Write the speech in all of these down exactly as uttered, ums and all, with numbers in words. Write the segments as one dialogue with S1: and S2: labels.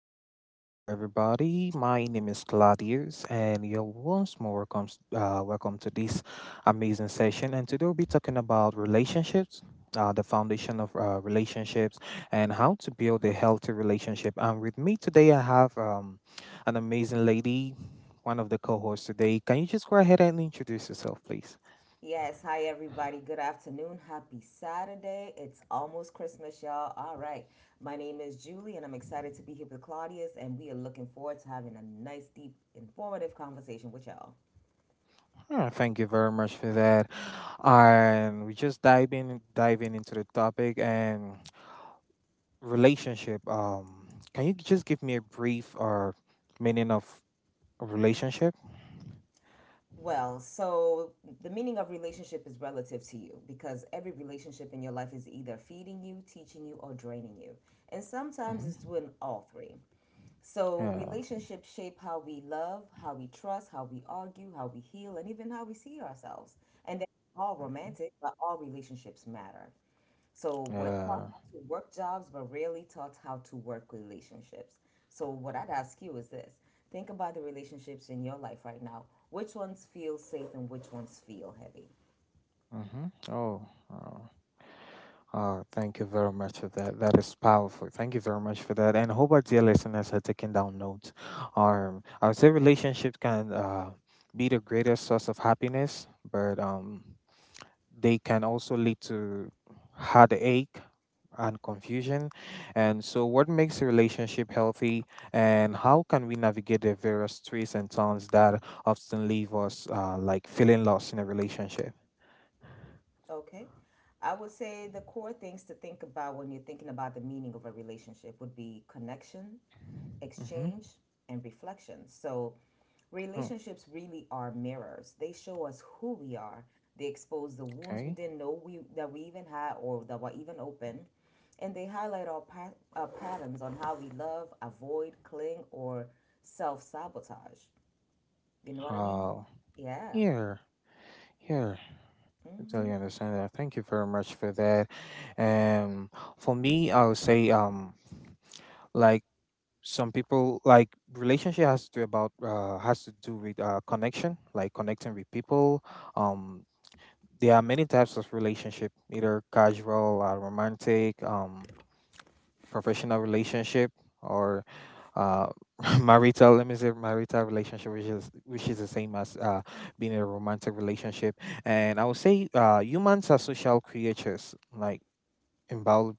S1: hello, hello, everybody. My name is Claudius, and you're once more welcome, uh, welcome to this amazing session. And today we'll be talking about relationships, uh, the foundation of uh, relationships, and how to build a healthy relationship. And with me today, I have um, an amazing lady, one of the co-hosts today. Can you just go ahead and introduce yourself, please?
S2: Yes, hi everybody. Good afternoon. Happy Saturday. It's almost Christmas, y'all. All right. My name is Julie, and I'm excited to be here with Claudius, and we are looking forward to having a nice, deep, informative conversation with y'all.
S1: Hmm, Thank you very much for that. And we just diving diving into the topic and relationship, um can you just give me a brief or meaning of a relationship?
S2: Well, so the meaning of relationship is relative to you because every relationship in your life is either feeding you, teaching you, or draining you. And sometimes
S1: Hmm.
S2: it's doing all three. So
S1: Yeah.
S2: relationships shape how we love, how we trust, how we argue, how we heal, and even how we see ourselves. And they're all romantic, but all relationships matter. So what taught
S1: Yeah.
S2: how to work jobs, but rarely taught how to work relationships. So what I'd ask you is this: think about the relationships in your life right now. Which ones feel safe and which ones feel heavy?
S1: Mm-hmm. Oh, oh, oh, thank you very much for that. That is powerful. Thank you very much for that, and I hope our dear listeners are taking down notes. um I would say relationship can uh be the greatest source of happiness, but um they can also lead to heartache and confusion. And so, what makes a relationship healthy, and how can we navigate the various twists and turns that often leave us uh, like feeling lost in a relationship?
S2: Okay. I would say the core things to think about when you're thinking about the meaning of a relationship would be connection,
S1: Mm-hmm.
S2: exchange, and reflection. So,
S1: Oh,
S2: relationships really are mirrors. They show us who we are. They expose the wounds we
S1: okay.
S2: didn't know we that we even had or that were even open, and they highlight our, pa- our patterns on how we love, avoid, cling, or self sabotage. You know what I mean?
S1: Uh,
S2: Yeah.
S1: Here, here. I totally understand that. Thank you very much for that. And for me, I would say, um, like, some people like relationship has to about uh, has to do with uh, connection, like connecting with people. um there are many types of relationship, either casual, uh, romantic, um professional relationship, or uh marital, let me say marital relationship, which is which is the same as uh being in a romantic relationship. And I would say uh humans are social creatures, like, in bio,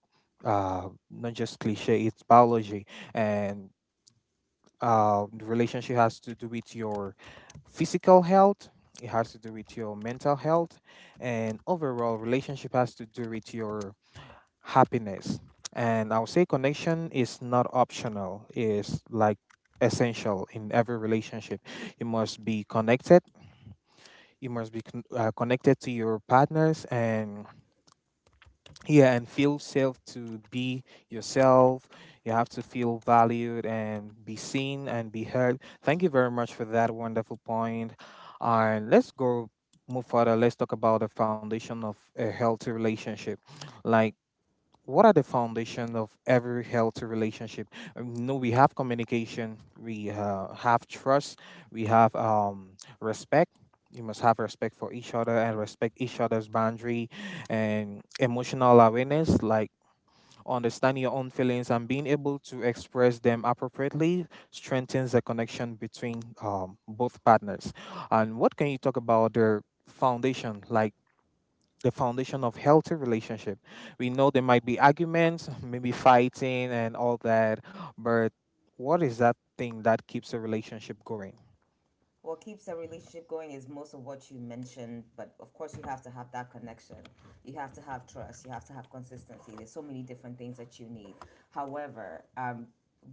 S1: uh not just cliche, it's biology. And um, the relationship has to do with your physical health, it has to do with your mental health, and overall relationship has to do with your happiness. And I would say connection is not optional, is like essential in every relationship. You must be connected, you must be con- uh, connected to your partners and, yeah, and feel safe to be yourself. You have to feel valued and be seen and be heard. Thank you very much for that wonderful point point. And let's go move further, let's talk about the foundation of a healthy relationship. Like, what are the foundations of every healthy relationship? Um, No, we have communication, we uh, have trust, we have um, respect. You must have respect for each other and respect each other's boundary, and emotional awareness, like understanding your own feelings and being able to express them appropriately strengthens the connection between um, both partners. And what can you talk about the foundation, like the foundation of healthy relationship? We know there might be arguments, maybe fighting and all that, but what is that thing that keeps a relationship going?
S2: What keeps a relationship going is most of what you mentioned, but of course, you have to have that connection. You have to have trust. You have to have consistency. There's so many different things that you need. However, um,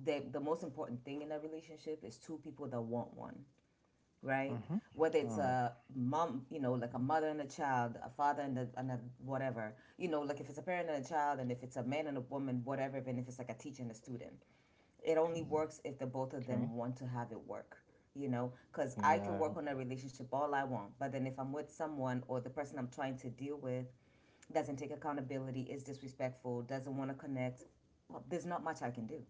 S2: the, the most important thing in a relationship is two people that want one, right?
S1: Mm-hmm.
S2: Whether it's
S1: Oh,
S2: a mom, you know, like a mother and a child, a father and a, and a whatever, you know, like if it's a parent and a child, and if it's a man and a woman, whatever, even if it's like a teacher and a student, it only works if the both of
S1: okay.
S2: them want to have it work. You know, because I can work
S1: Yeah.
S2: on a relationship all I want, but then if I'm with someone, or the person I'm trying to deal with doesn't take accountability, is disrespectful, doesn't want to connect, well, there's not much I can do.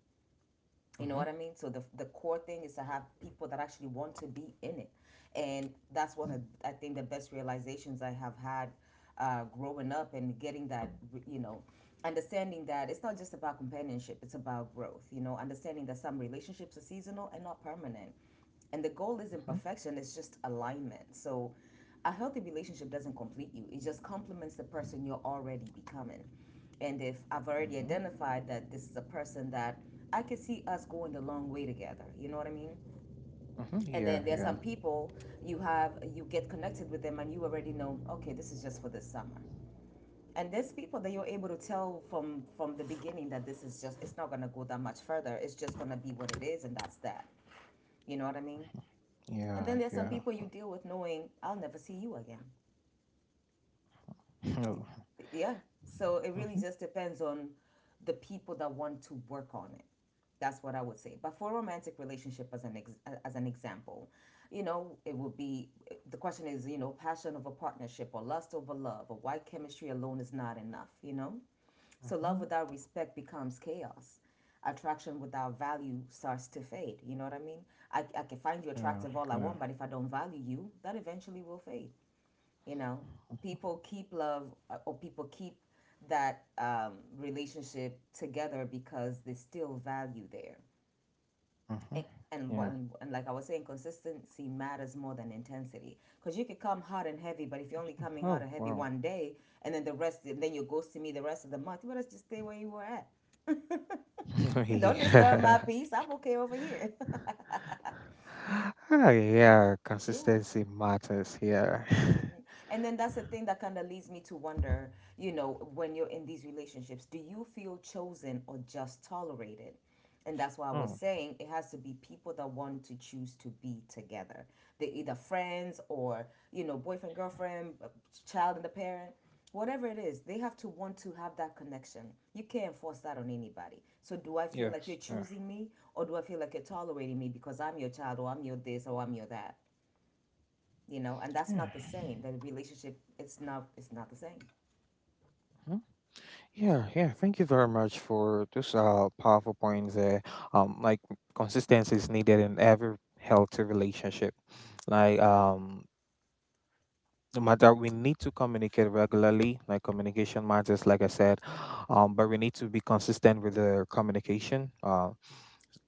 S2: You know
S1: Mm-hmm.
S2: what I mean? So the the core thing is to have people that actually want to be in it, and that's one of, I think, the best realizations I have had uh, growing up, and getting that, you know, understanding that it's not just about companionship, it's about growth. You know, understanding that some relationships are seasonal and not permanent, and the goal isn't
S1: Mm-hmm.
S2: perfection, it's just alignment. So a healthy relationship doesn't complete you, it just complements the person you're already becoming. And if I've already
S1: Mhm.
S2: identified that this is a person that I can see us going the long way together, you know what I mean?
S1: Mhm.
S2: And then there's some
S1: Yeah.
S2: people you have, you get connected with them and you already know, okay, this is just for this summer. And there's people that you're able to tell from from the beginning that this is just, it's not gonna go that much further. It's just gonna be what it is and that's that. You know what I mean? And then
S1: Yeah.
S2: there's
S1: Yeah.
S2: some
S1: Yeah.
S2: people you deal with knowing, I'll never see you again.
S1: No.
S2: Yeah. So it really
S1: Mhm.
S2: just depends on the people that want to work on it. That's what I would say. But for romantic relationship, as an ex- as an example, you know, it would be, the question is, you know, passion over partnership, or lust over love, or why chemistry alone is not enough, you know? So love
S1: Mhm.
S2: without respect becomes chaos. Attraction without value starts to fade, you know what I mean? I, I can find you
S1: Yeah.
S2: attractive all I
S1: Yeah.
S2: want, but if I don't value you, that eventually will fade. You know, people keep love uh, or people keep that um, relationship together because there's still value there. And,
S1: Mhm.
S2: and, what,
S1: Yeah.
S2: and like I was saying, consistency matters more than intensity. Because you could come hard and heavy, but if you're only coming hard
S1: Oh
S2: and heavy
S1: wow.
S2: one day, and then the rest, and then you ghost to me the rest of the month, you better just stay where you were at. Don't disturb my
S1: Yeah.
S2: peace. I'm okay over here.
S1: Ah, yeah.
S2: Yeah.
S1: Consistency matters. Yeah.
S2: And then that's the thing that kind of leads me to wonder, you know, when you're in these relationships, do you feel chosen or just tolerated? And that's why I was
S1: Oh
S2: saying it has to be people that want to choose to be together. They're either friends, or, you know, boyfriend, girlfriend, uh, child and the parent, whatever it is, they have to want to have that connection. You can't force that on anybody. So do I feel like
S1: yes.
S2: you're
S1: Yeah.
S2: choosing me, or do I feel like you're tolerating me because I'm your child, or I'm your this, or I'm your that? You know, and that's
S1: Yeah.
S2: not the same. The relationship, it's not, it's not the same.
S1: Mhm. Yeah, yeah. Thank you very much for those uh, powerful points there. Um, like, consistency is needed in every healthy relationship. Like, um, no matter, we need to communicate regularly, like communication matters, like I said. um, but we need to be consistent with the communication. Uh,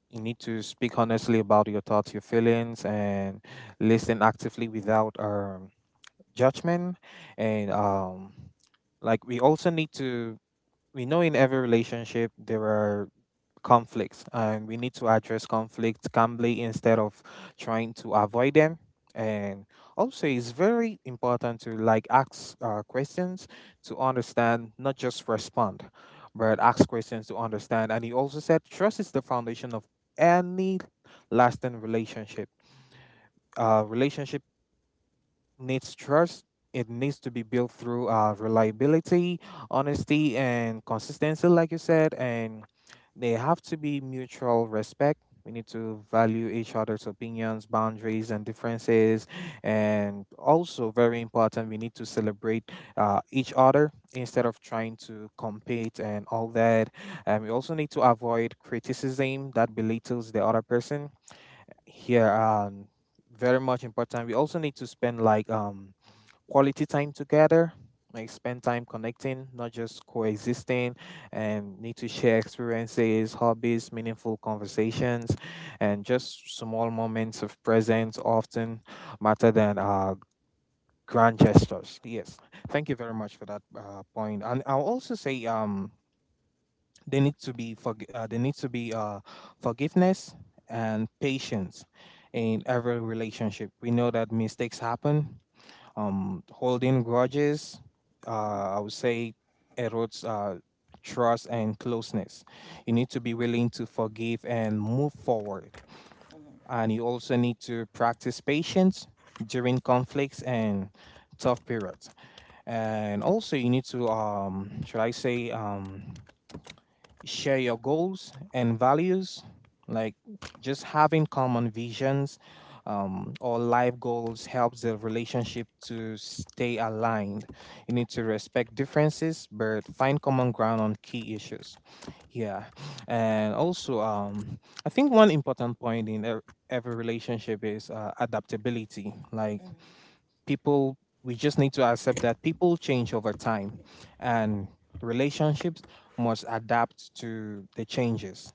S1: you need to speak honestly about your thoughts, your feelings, and listen actively without um, judgment. And um, like, we also need to, we know in every relationship there are conflicts, and we need to address conflicts calmly instead of trying to avoid them. And also, it's very important to like ask uh, questions to understand, not just respond, but ask questions to understand. And he also said trust is the foundation of any lasting relationship. Uh, relationship needs trust. It needs to be built through uh, reliability, honesty, and consistency, like you said. And they have to be mutual respect. We need to value each other's opinions, boundaries, and differences. And also, very important, we need to celebrate uh, each other instead of trying to compete and all that. And we also need to avoid criticism that belittles the other person. Here, um, very much important, we also need to spend like um quality time together, like spend time connecting, not just coexisting, and need to share experiences, hobbies, meaningful conversations, and just small moments of presence often matter than uh, grand gestures. Yes, thank you very much for that uh, point. And I'll also say, um they need to be forg- uh, there needs to be uh, forgiveness and patience in every relationship. We know that mistakes happen. um, holding grudges, uh, I
S2: Hmm.
S1: would say, erodes uh, trust and closeness. You need to be willing to forgive and move forward. And you also need to practice patience during conflicts and tough periods. And also, you need to, um, should I say, um, share your goals and values, like just having common visions, um, or life goals, helps the relationship to stay aligned. You need to respect differences, but find common ground on key issues. Yeah, and also, um, I think one important point in e- every relationship is uh, adaptability. Like, people, we just need to accept that people change over time, and relationships must adapt to the changes.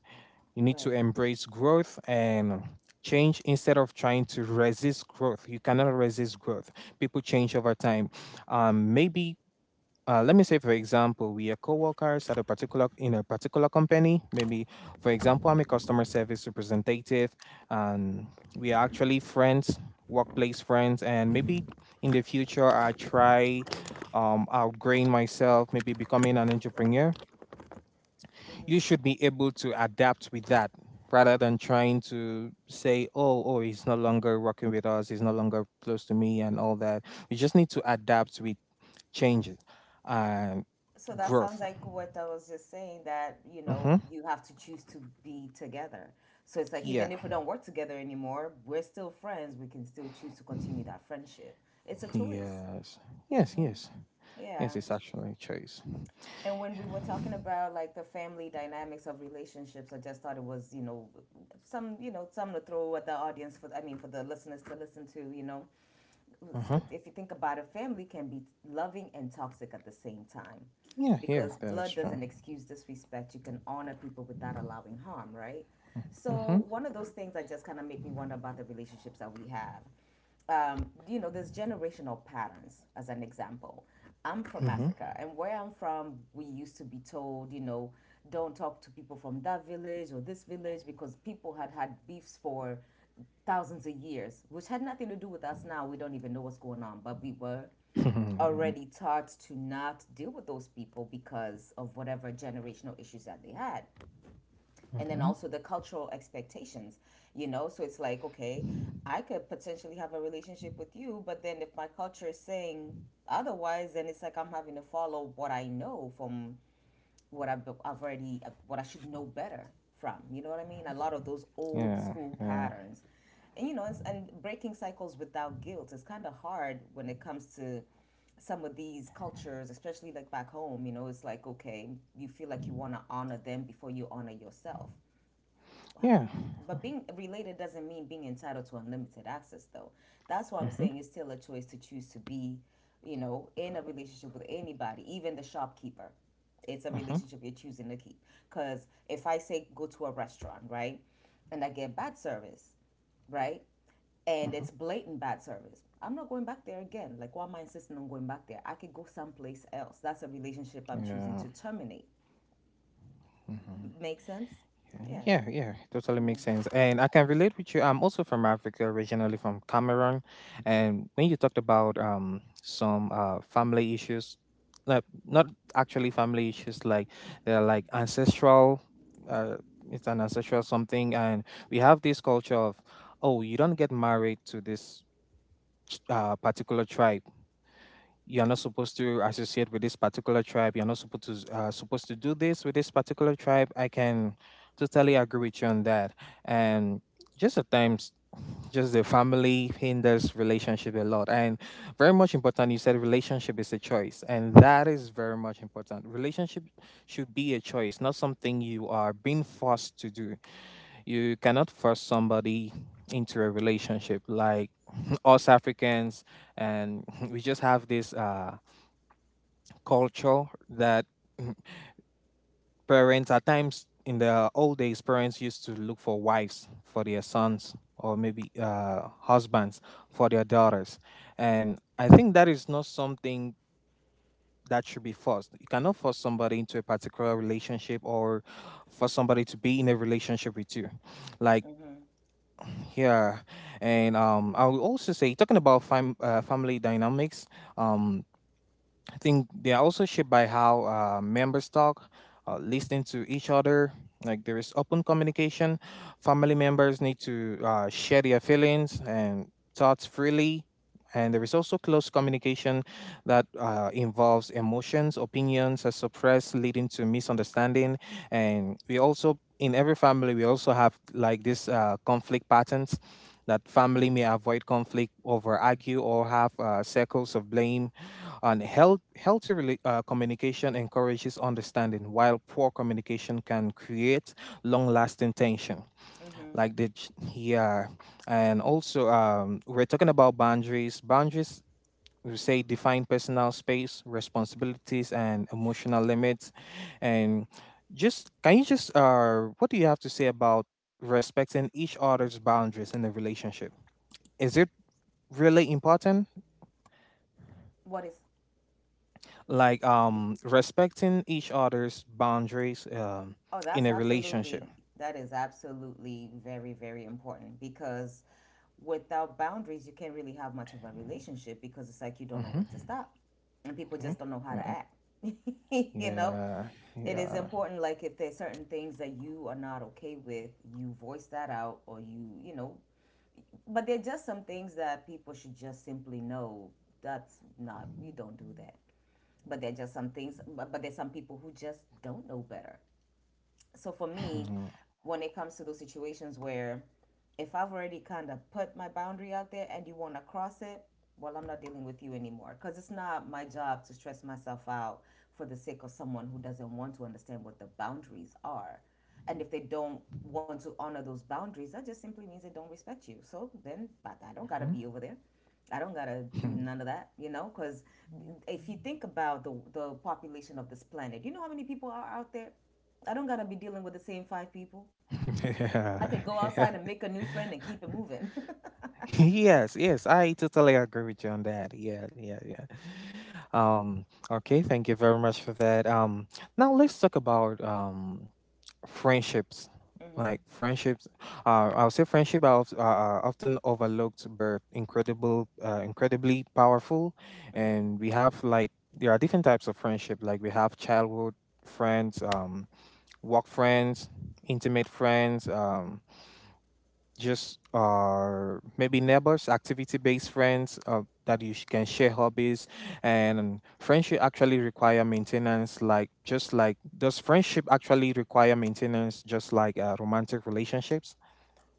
S1: You need to
S2: Right.
S1: embrace growth and change instead of trying to resist growth. You cannot resist growth, people change over time. um, maybe, uh, let me say, for example, we are co-workers at a particular, in a particular company. Maybe, for example, I'm a customer service representative, and we are actually friends, workplace friends, and maybe in the future I try, um, outgrowing myself, maybe becoming an entrepreneur, you should be able to adapt with that rather than trying to say, oh, oh, he's no longer working with us, he's no longer close to me and all that. We just need to adapt with changes and
S2: So that sounds
S1: growth.
S2: like what I was just saying, that, you know,
S1: Mm-hmm.
S2: you have to choose to be together. So it's like
S1: Yeah.
S2: even if we don't work together anymore, we're still friends. We can still choose to continue that friendship. It's a choice.
S1: Yes. Yes, yes. Yes,
S2: Yeah.
S1: it's actually a choice.
S2: And when
S1: Yeah.
S2: we were talking about like the family dynamics of relationships, I just thought it was, you know, some, you know, some to throw at the audience for, I mean, for the listeners to listen to, you know,
S1: Mm-hmm.
S2: if you think about it, family can be loving and toxic at the same time
S1: Yeah, yeah,
S2: because
S1: that is
S2: blood
S1: true.
S2: doesn't excuse disrespect. You can honor people without allowing harm, right?
S1: Mm-hmm.
S2: So, one of those things that just kind of make me wonder about the relationships that we have. Um, you know, there's generational patterns, as an example. I'm from
S1: Mm-hmm.
S2: Africa, and where I'm from, we used to be told, you know, don't talk to people from that village or this village because people had had beefs for thousands of years, which had nothing to do with us now. We don't even know what's going on, but we were
S1: Yeah.
S2: already taught to not deal with those people because of whatever generational issues that they had. And then
S1: Mm-hmm.
S2: also the cultural expectations, you know? So it's like, okay, I could potentially have a relationship with you, but then if my culture is saying otherwise, then it's like I'm having to follow what I know from what I've, I've already, what I should know better from. You know what I mean? A lot of those old
S1: Yeah.
S2: school
S1: Yeah.
S2: patterns, and you know, it's, and breaking cycles without guilt is kind of hard when it comes to some of these cultures, especially like back home. You know, it's like, okay, you feel like you want to honor them before you honor yourself.
S1: Yeah.
S2: But being related doesn't mean being entitled to unlimited access, though. That's why I'm
S1: Mm-hmm.
S2: saying it's still a choice to choose to be, you know, in a relationship with anybody, even the shopkeeper. It's a
S1: Mm-hmm.
S2: relationship you're choosing to keep. Because if I say go to a restaurant, right, and I get bad service, right, and
S1: Mm-hmm.
S2: it's blatant bad service, I'm not going back there again. Like, why am I insisting on going back there? I could go someplace else. That's a relationship I'm choosing
S1: Yeah.
S2: to terminate.
S1: Mm-hmm.
S2: Make sense? Yeah.
S1: Yeah, yeah, totally makes sense. And I can relate with you. I'm also from Africa, originally from Cameroon. And when you talked about um some uh family issues, like, not actually family issues, like, they're like ancestral, uh it's an ancestral something. And we have this culture of, oh, you don't get married to this ch- uh, particular tribe, you're not supposed to associate with this particular tribe, you're not supposed to uh, supposed to do this with this particular tribe. I can totally agree with you on that. And just at times, just the family hinders relationship a lot. And very much important, you said relationship is a choice, and that is very much important. Relationship should be a choice, not something you are being forced to do. You cannot force somebody into a relationship, like, us Africans, and we just have this uh, culture that parents, at times in the old days, parents used to look for wives for their sons, or maybe uh, husbands for their daughters. And I think that is not something that should be forced. You cannot force somebody into a particular relationship, or for somebody to be in a relationship with you, like.
S2: Mm hmm.
S1: Yeah, and um, I will also say, talking about fam- uh, family dynamics. Um, I think they are also shaped by how uh, members talk, uh, listening to each other. Like, there is open communication. Family members need to uh, share their feelings and thoughts freely. And there is also close communication that uh, involves emotions, opinions are suppressed, leading to misunderstanding. And we also, in every family, we also have like this uh, conflict patterns, that family may avoid conflict over argue, or have uh, circles of blame. And health, healthy rela- uh, communication encourages understanding, while poor communication can create long-lasting tension.
S2: Mm hmm.
S1: Like the ch- yeah. And also, um, we're talking about boundaries. Boundaries, we say, define personal space, responsibilities, and emotional limits. And just can you just uh, what do you have to say about respecting each other's boundaries in a relationship? Is it really important?
S2: What is.
S1: Like, um respecting each other's boundaries, um
S2: Oh,
S1: in
S2: that's
S1: a relationship.
S2: absolutely, that is absolutely very, very important because without boundaries, you can't really have much of a relationship because it's like you don't know when to
S1: Mm-hmm.
S2: stop and people
S1: Okay.
S2: just don't know how to
S1: Yeah.
S2: act. You know,
S1: Yeah.
S2: it is
S1: Yeah.
S2: important, like if there's certain things that you are not okay with, you voice that out, or you, you know, but there are just some things that people should just simply know, that's not, you don't do that. But there are just some things, but, but there's some people who just don't know better. So for me,
S1: Mhm.
S2: when it comes to those situations where, if I've already kind of put my boundary out there and you want to cross it, well, I'm not dealing with you anymore because it's not my job to stress myself out for the sake of someone who doesn't want to understand what the boundaries are. And if they don't want to honor those boundaries, that just simply means they don't respect you. So then, but I don't got to be over there. I don't got to do
S1: Mhm.
S2: none of that, you know, because if you think about the, the population of this planet, you know how many people are out there? I don't got to be dealing with the same five people. I could
S1: Yeah,
S2: go outside
S1: yeah.
S2: and make a new friend and keep it moving.
S1: Yes, yes, I totally agree with you on that. Yeah, yeah, yeah. um okay, thank you very much for that. um now let's talk about um friendships.
S2: Hmm.
S1: Like, friendships, uh, I would say friendship are oft- are- are often overlooked, but incredible uh, incredibly powerful.
S2: Hmm.
S1: And we have like, there are different types of friendship, like we have childhood friends, um work friends, intimate friends, um just uh maybe neighbors, activity based friends, uh, that you sh- can share hobbies. And friendship actually require maintenance, like just like, does friendship actually require maintenance just like uh, romantic relationships?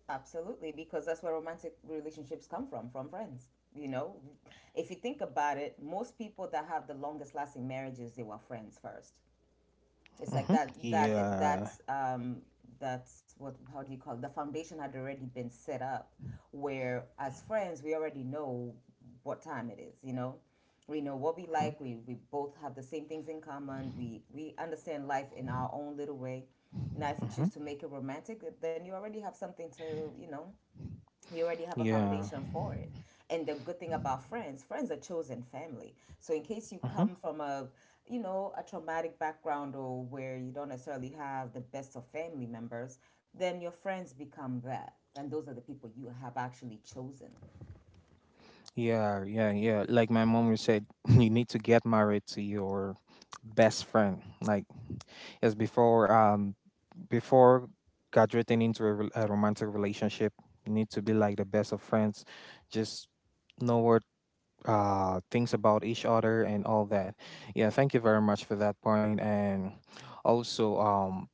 S2: Absolutely, because that's where romantic relationships come from, from friends. You know, if you think about it, most people that have the longest lasting marriages, they were friends first. It's like
S1: Mm-hmm.
S2: that that that
S1: Yeah.
S2: um that's what how do you call it? The foundation had already been set up where as friends we already know what time it is, you know? We know what we
S1: Mm-hmm.
S2: like, we we both have the same things in common, we we understand life in our own little way. Now if you choose to make it romantic, then you already have something to, you know, You already have a
S1: Yeah.
S2: foundation for it. And the good thing about friends, friends are chosen family. So in case you
S1: Mm-hmm.
S2: come from a, you know, a traumatic background or where you don't necessarily have the best of family members, then your friends become that. And those are the people you have actually chosen.
S1: Yeah, yeah, yeah. Yeah. Like my mom would said, you need to get married to your best friend. Like, as before, um, before graduating into a, rel- a romantic relationship, you need to be like the best of friends, just know what uh things about each other and all that. Yeah, thank you very much for that point point. And also, um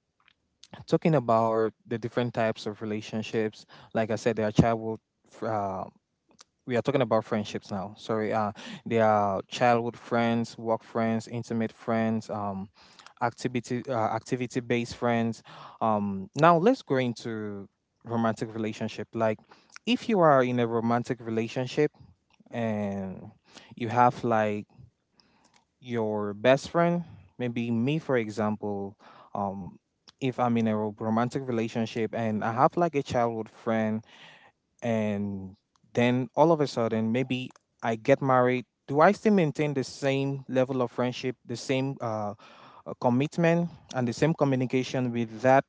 S1: talking about the different types of relationships, like I said, there are childhood fr- uh, we are talking about friendships now. Sorry, uh, they are childhood friends, work friends, intimate friends, um, activity uh, activity based friends. Um, now let's go into romantic relationship. Like, if you are in a romantic relationship
S2: Mm-hmm.
S1: and you have like your best friend, maybe me for example, um, if I'm in a ro- romantic relationship and I have like a childhood friend, and then all of a sudden maybe I get married, do I still maintain the same level of friendship, the same uh, uh, commitment and the same communication with that,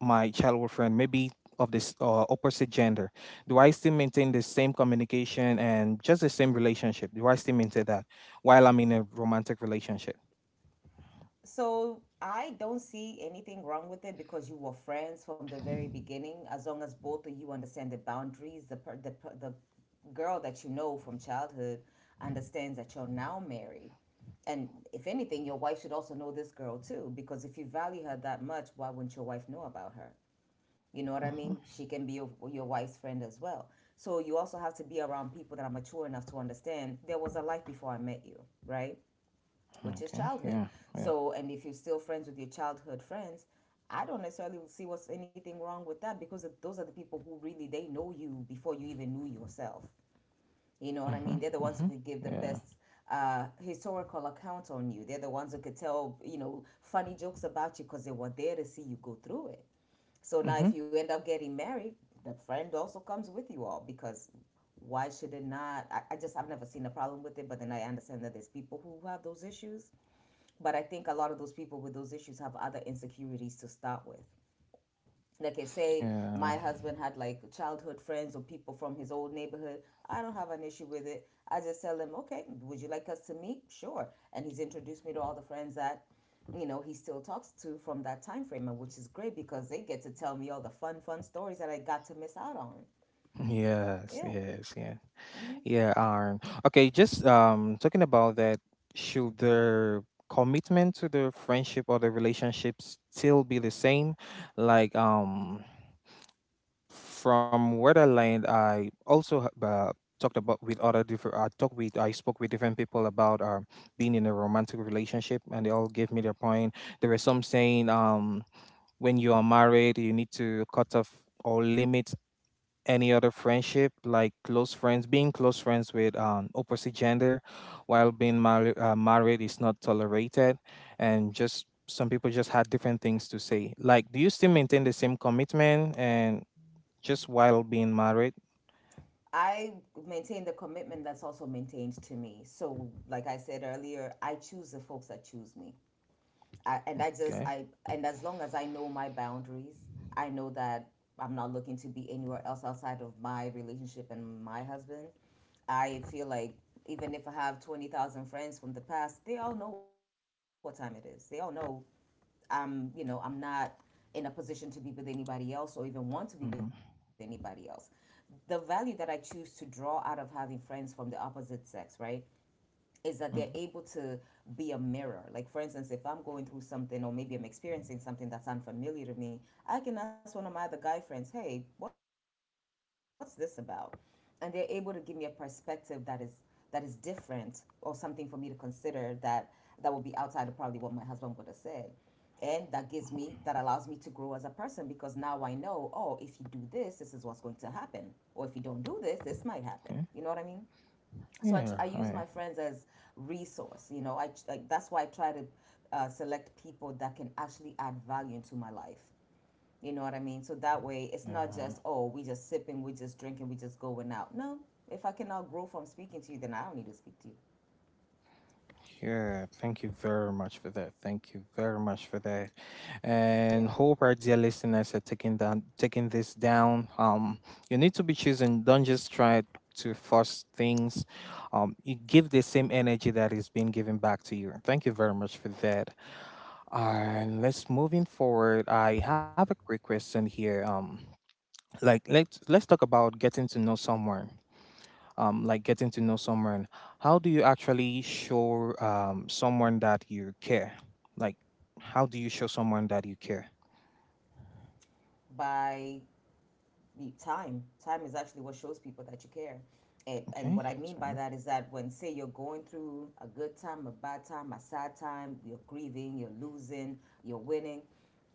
S1: my childhood friend, maybe of this uh, opposite gender? Do I still maintain the same communication and just the same relationship? Do I still maintain that while I'm in a romantic relationship?
S2: So I don't see anything wrong with it because you were friends from the very beginning, as long as both of you understand the boundaries. The per, the per, the girl that you know from childhood understands that you're now married, and if anything, your wife should also know this girl too. Because if you value her that much, why wouldn't your wife know about her? You know what I mean?
S1: Mhm.
S2: She can be your, your wife's friend as well. So you also have to be around people that are mature enough to understand there was a life before I met you, right? Which is
S1: Okay,
S2: childhood.
S1: yeah, yeah,
S2: So, and if you're still friends with your childhood friends, I don't necessarily see what's anything wrong with that because those are the people who really they know you before you even knew yourself. You know what I
S1: mm-hmm,
S2: mean? They're the ones who
S1: mm-hmm,
S2: could give the
S1: yeah,
S2: best uh, historical account on you. They're the ones who could tell you know funny jokes about you because they were there to see you go through it. So now,
S1: mm-hmm,
S2: if you end up getting married, the friend also comes with you all because why should it not? I, I just I've never seen a problem with it, but then I understand that there's people who have those issues, but I think a lot of those people with those issues have other insecurities to start with. Like if say
S1: yeah,
S2: my husband had like childhood friends or people from his old neighborhood, I don't have an issue with it. I just tell him, okay, would you like us to meet? Sure. And he's introduced me to all the friends that you know he still talks to from that time frame, which is great because they get to tell me all the fun, fun stories that I got to miss out on.
S1: yes,
S2: Yeah.
S1: yes, yes.
S2: Hmm.
S1: Yeah, Aaron. Okay, just um talking about that, should the commitment to the friendship or the relationship still be the same? Like, um from where I land, I also ha- uh, talked about with other different. I talked with I spoke with different people about um being in a romantic relationship, and they all gave me their point. There were some saying, um when you are married, you need to cut off or limit any other friendship, like close friends, being close friends with um, opposite gender while being mar- uh, married, is not tolerated. And just some people just had different things to say, like, do you still maintain the same commitment and just while being married?
S2: I maintain the commitment that's also maintained to me. So, like I said earlier, I choose the folks that choose me. I, and I just
S1: Okay.
S2: I and as long as I know my boundaries, I know that I'm not looking to be anywhere else outside of my relationship and my husband. I feel like even if I have twenty thousand friends from the past, they all know what time it is. They all know I'm, you know, I'm not in a position to be with anybody else or even want to be
S1: Mm-hmm.
S2: with anybody else. The value that I choose to draw out of having friends from the opposite sex, right? Is that they're
S1: Hmm.
S2: able to be a mirror. Like, for instance, if I'm going through something or maybe I'm experiencing something that's unfamiliar to me, I can ask one of my other guy friends, hey, what's this about? And they're able to give me a perspective that is that is different or something for me to consider that that will be outside of probably what my husband would have said, and that gives me that allows me to grow as a person because now I know, oh, if you do this, this is what's going to happen, or if you don't do this, this might happen. You know what I
S1: Okay.
S2: mean? So I, I
S1: Yeah,
S2: use my
S1: right.
S2: friends as resource, you know, i tr- like that's why I try to uh, select people that can actually add value into my life. You know what I mean, so that way it's not
S1: Yeah.
S2: just, oh, we just sipping, we just drinking, we just going out, no. If I cannot grow from speaking to you, then I don't need to speak to you.
S1: Yeah, thank you very much for that. Thank you very much for that, and
S2: Yeah.
S1: hope our dear listeners are taking down taking this down. Um, you need to be choosing. Don't just try to force things. Um, you give the same energy that is being given back to you. Thank you very much for that. And let's moving forward. I have a quick question here. Um, like, let's let's talk about getting to know someone, um, like getting to know someone, how do you actually show um, someone that you care? Like, how do you show someone that you care?
S2: By y- time. Time is actually what shows people that you care. And, and
S1: Okay.
S2: what I mean by
S1: So,
S2: that is that when, say, you're going through a good time, a bad time, a sad time, you're grieving, you're losing, you're winning,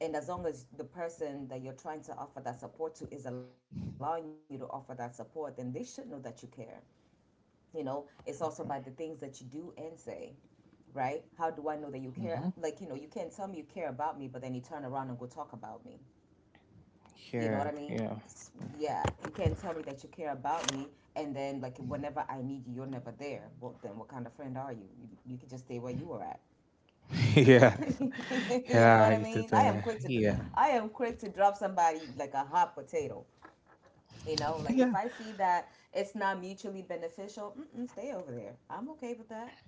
S2: and as long as the person that you're trying to offer that support to is allowing you to offer that support, then they should know that you care. You know, it's also by the things that you do and say, right? How do I know that you care?
S1: mm-hmm.
S2: Like, you know, you can't tell me you care about me, but then you turn around and go talk about me. You know what
S1: Yeah.
S2: I mean?
S1: Yeah.
S2: Yeah, you can't tell me that you care about me, and then like whenever I need you, you're never there. Well, then what kind of friend are you? You, you could just stay where you were at.
S1: Yeah.
S2: You know
S1: Yeah.
S2: what I
S1: I
S2: mean? I am
S1: totally.
S2: quick to,
S1: Yeah.
S2: I am quick to drop somebody like a hot potato. You know, like
S1: Yeah.
S2: if I see that it's not mutually beneficial, mm-mm, stay over there. I'm okay with that.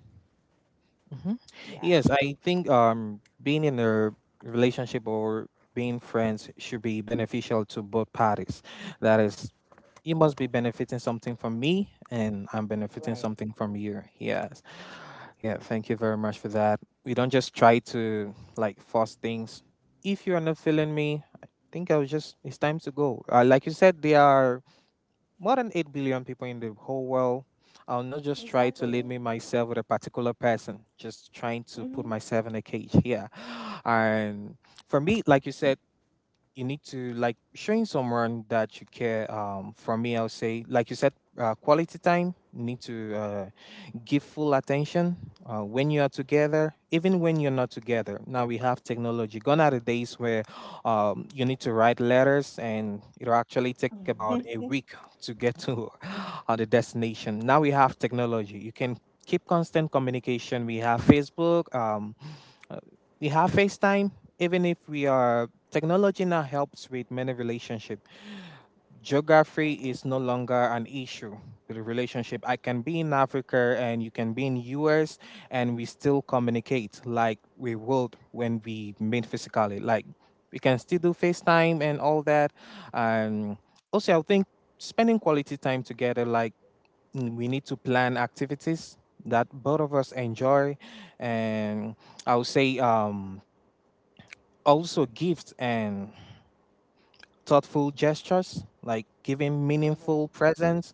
S1: Hmm.
S2: Yeah,
S1: Yes, I think um being in a relationship or being friends should be beneficial to both parties. That is, you must be benefiting something from me, and I'm benefiting
S2: right,
S1: something from you. Yes. Yeah, thank you very much for that. We don't just try to like force things. If you're not feeling me, I think I'll just it's time to go. Uh, like you said, there are more than eight billion people in the whole world. I'll not just try to limit
S2: exactly.
S1: myself with a particular person, just trying to put
S2: Mhm.
S1: myself in a cage here. And for me, like you said, you need to like showing someone that you care. Um for me, I'll say, like you said, uh, quality time. You need to uh, give full attention uh, when you are together, even when you're not together. Now we have technology. Gone are the days where um, you need to write letters and it'll actually take about a
S2: Mhm.
S1: week to get to uh, the destination. Now we have technology. You can keep constant communication. We have Facebook, um, uh, we have FaceTime. Even if we are technology now helps with many relationship. Geography is no
S2: Mhm.
S1: longer an issue the relationship. I can be in Africa and you can be in U S, and we still communicate like we would when we meet physically. Like, we can still do FaceTime and all that. And also I think spending quality time together, like, mm, we need to plan activities that both of us enjoy. And I would say, um also gifts and thoughtful gestures, like giving
S2: Mhm.
S1: meaningful presents.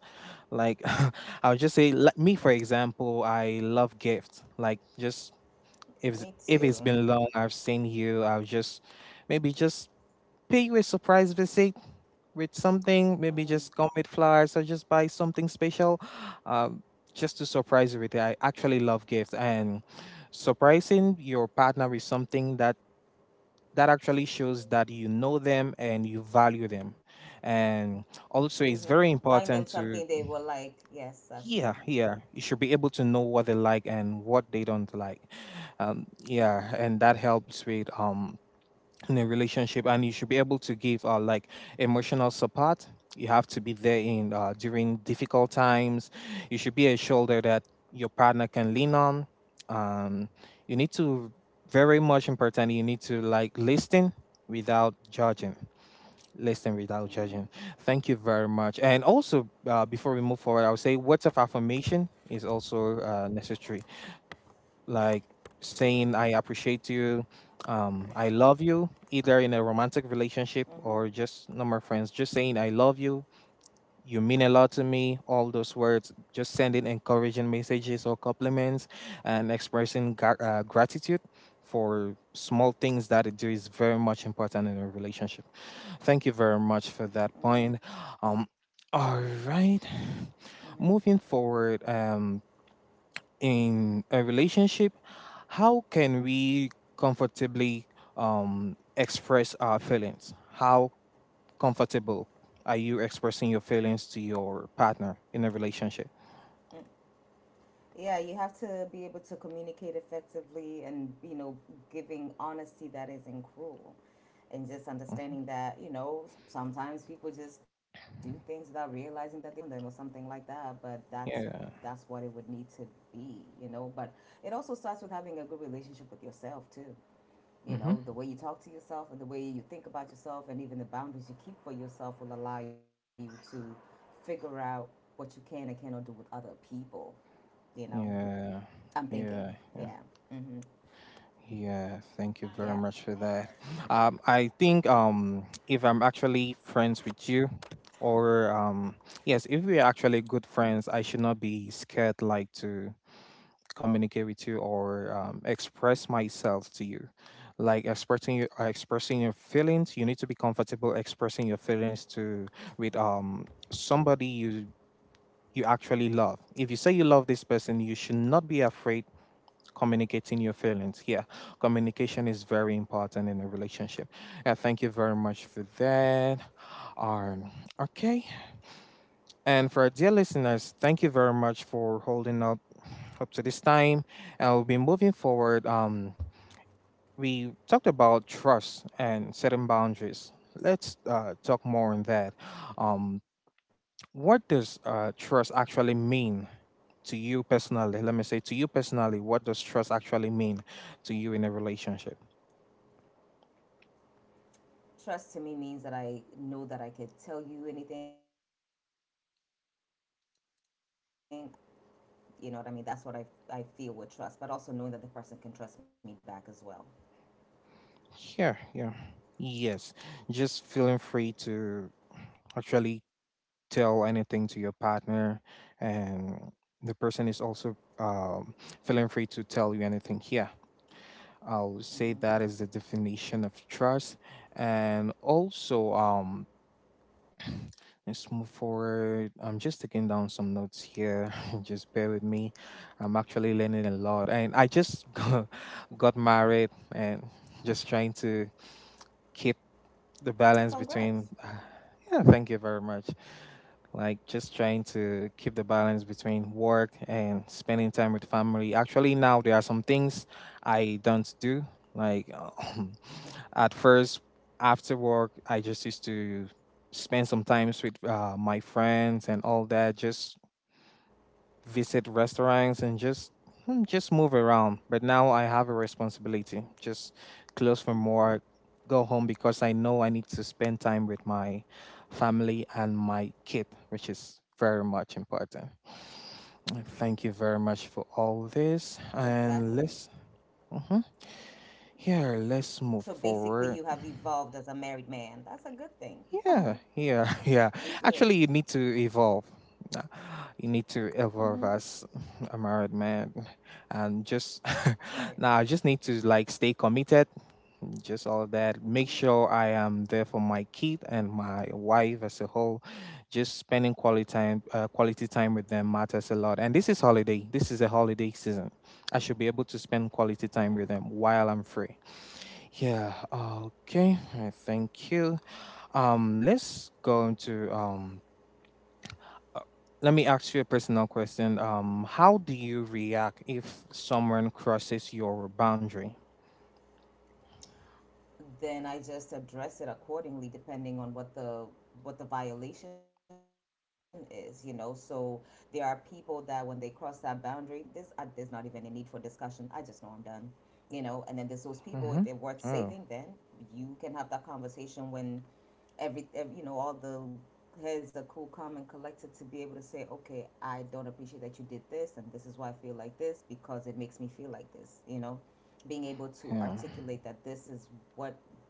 S1: Like, I will just say, like me for example, I love gifts. Like, just if it's-
S2: Me
S1: if it's
S2: too.
S1: been long, I've seen you. I'll just maybe just pay you a surprise visit with something. Maybe just come
S2: Mm-hmm.
S1: with flowers or just buy something special, um, just to surprise you with it. I actually love gifts, and surprising your partner with something that that actually shows that you know them and you value them. And also it's
S2: Mm-hmm.
S1: very
S2: Buying
S1: important
S2: them
S1: to
S2: something they will like. Yes, that's
S1: yeah,
S2: true.
S1: yeah. You should be able to know what they like and what they don't like. Um, yeah, and
S2: Mm-hmm.
S1: that helps with um in a relationship. And you should be able to give uh like emotional support. You have to be there in uh during difficult times. You should be a shoulder that your partner can lean on. Um, you need to very much important. You need to like listen without judging, listen without judging.
S2: Mm-hmm.
S1: Thank you very much. And also, uh, before we move forward, I would say words of affirmation is also uh, necessary. Like saying I appreciate you, um, I love you, either in a romantic relationship
S2: Mm-hmm.
S1: or just normal friends. Just saying I love you, you mean a lot to me, all those words, just sending encouraging messages or compliments, and expressing gra- uh, gratitude for small things that it do is very much important in a relationship. Thank you very much for that point.
S2: Mm-hmm.
S1: Um, all right,
S2: Mm-hmm.
S1: moving forward, um, in a relationship, how can we comfortably um, express our feelings? How comfortable are you expressing your feelings to your partner in a relationship?
S2: Yeah, you have to be able to communicate effectively and, you know, giving honesty that isn't cruel, and just
S1: Mhm.
S2: understanding that you know sometimes people just do things without realizing that they're doing them or something like that, but that's
S1: Yeah.
S2: that's what it would need to be, you know. But it also starts with having a good relationship with yourself too. You know,
S1: Hmm.
S2: the way you talk to yourself and the way you think about yourself and even the boundaries you keep for yourself will allow you to figure out what you can and cannot do with other people. You know,
S1: Yeah.
S2: I'm thinking.
S1: Yeah.
S2: Yeah.
S1: Yeah.
S2: Mm-hmm.
S1: Yeah. Thank you
S2: Yeah.
S1: very much for that. Um, I think um, if I'm actually friends with you, or um, yes, if we're actually good friends, I should not be scared like to communicate with you or um, express myself to you. Like expressing your uh, expressing your feelings, you need to be comfortable expressing your feelings to with um somebody you, you actually love. If you say you love this person, you should not be afraid communicating your feelings. Yeah, communication is very important in a relationship. Yeah, thank you very much for that. um okay. And for our dear listeners, thank you very much for holding up up to this time. And we'll be moving forward. Um, we talked about trust and setting boundaries. Let's uh, talk more on that. Um, what does uh, trust actually mean to you personally? Let me say to you personally, what does trust actually mean to you in a relationship?
S2: Trust to me means that I know that I could tell you anything, I could be myself, and I could feel safe with you no matter what. You know what I mean? That's what I, I feel with trust, but also knowing that the person can trust me back as well.
S1: Yeah, yeah. Yes. Just feeling free to actually tell anything to your partner, and the person is also um, feeling free to tell you anything. Yeah. I'll say that is
S2: Mm-hmm.
S1: the definition of trust. And also, um let's move forward. I'm just taking down some notes here. Just bear with me. I'm actually learning a lot. And I just got, got married, and just trying to
S2: Well,
S1: keep
S2: congrats.
S1: the balance between yeah, thank you very much. Like, just trying to keep the balance between work and spending time with family. Actually, now there are some things I don't do, like, at first, after work I just used to spend some times with uh, my friends and all that, just visit restaurants and just hmm, just move around. But now I have a
S2: Mm-mm.
S1: responsibility. Just close from work, go home, because I know I need to spend time with my family and my kid, which is very much important. Uh, Thank you very much for
S2: Exactly.
S1: all this. And let's mhm,
S2: So basically,
S1: here,
S2: you have
S1: let's move
S2: evolved as a
S1: forward.
S2: married man. That's a good thing. That's
S1: Yeah,
S2: good.
S1: yeah, yeah. Actually, you need to evolve. Uh, You need to
S2: Mm-hmm.
S1: evolve as a married man, and just
S2: Right.
S1: now I just need to like stay committed. Just all of that. Make
S2: Mm-hmm.
S1: sure I am there for my kid and my wife as a whole. Just spending quality time, uh, quality time with them matters a lot. And this is holiday. This is a holiday season. I should be able to spend quality
S2: Mm-hmm.
S1: time with them while I'm free. Yeah. Okay. I thank you. Um, let's go into um. uh, let me ask you a personal question. Um, how do you react if someone crosses your boundary?
S2: Then I just address it accordingly depending on what the what the violation is, you know. So there are people that when they cross that boundary, this I, there's not even a need for discussion. I just know I'm done, you know. And then there's those people if they're
S1: Mm-hmm.
S2: worth saving,
S1: Oh,
S2: then you can have that conversation when every, every you know all the heads are cool, calm, and collected to be able to say, okay, I don't appreciate that you did this, and this is why I feel like this because it makes me feel like this, you know, being able
S1: yeah,
S2: to articulate that this is what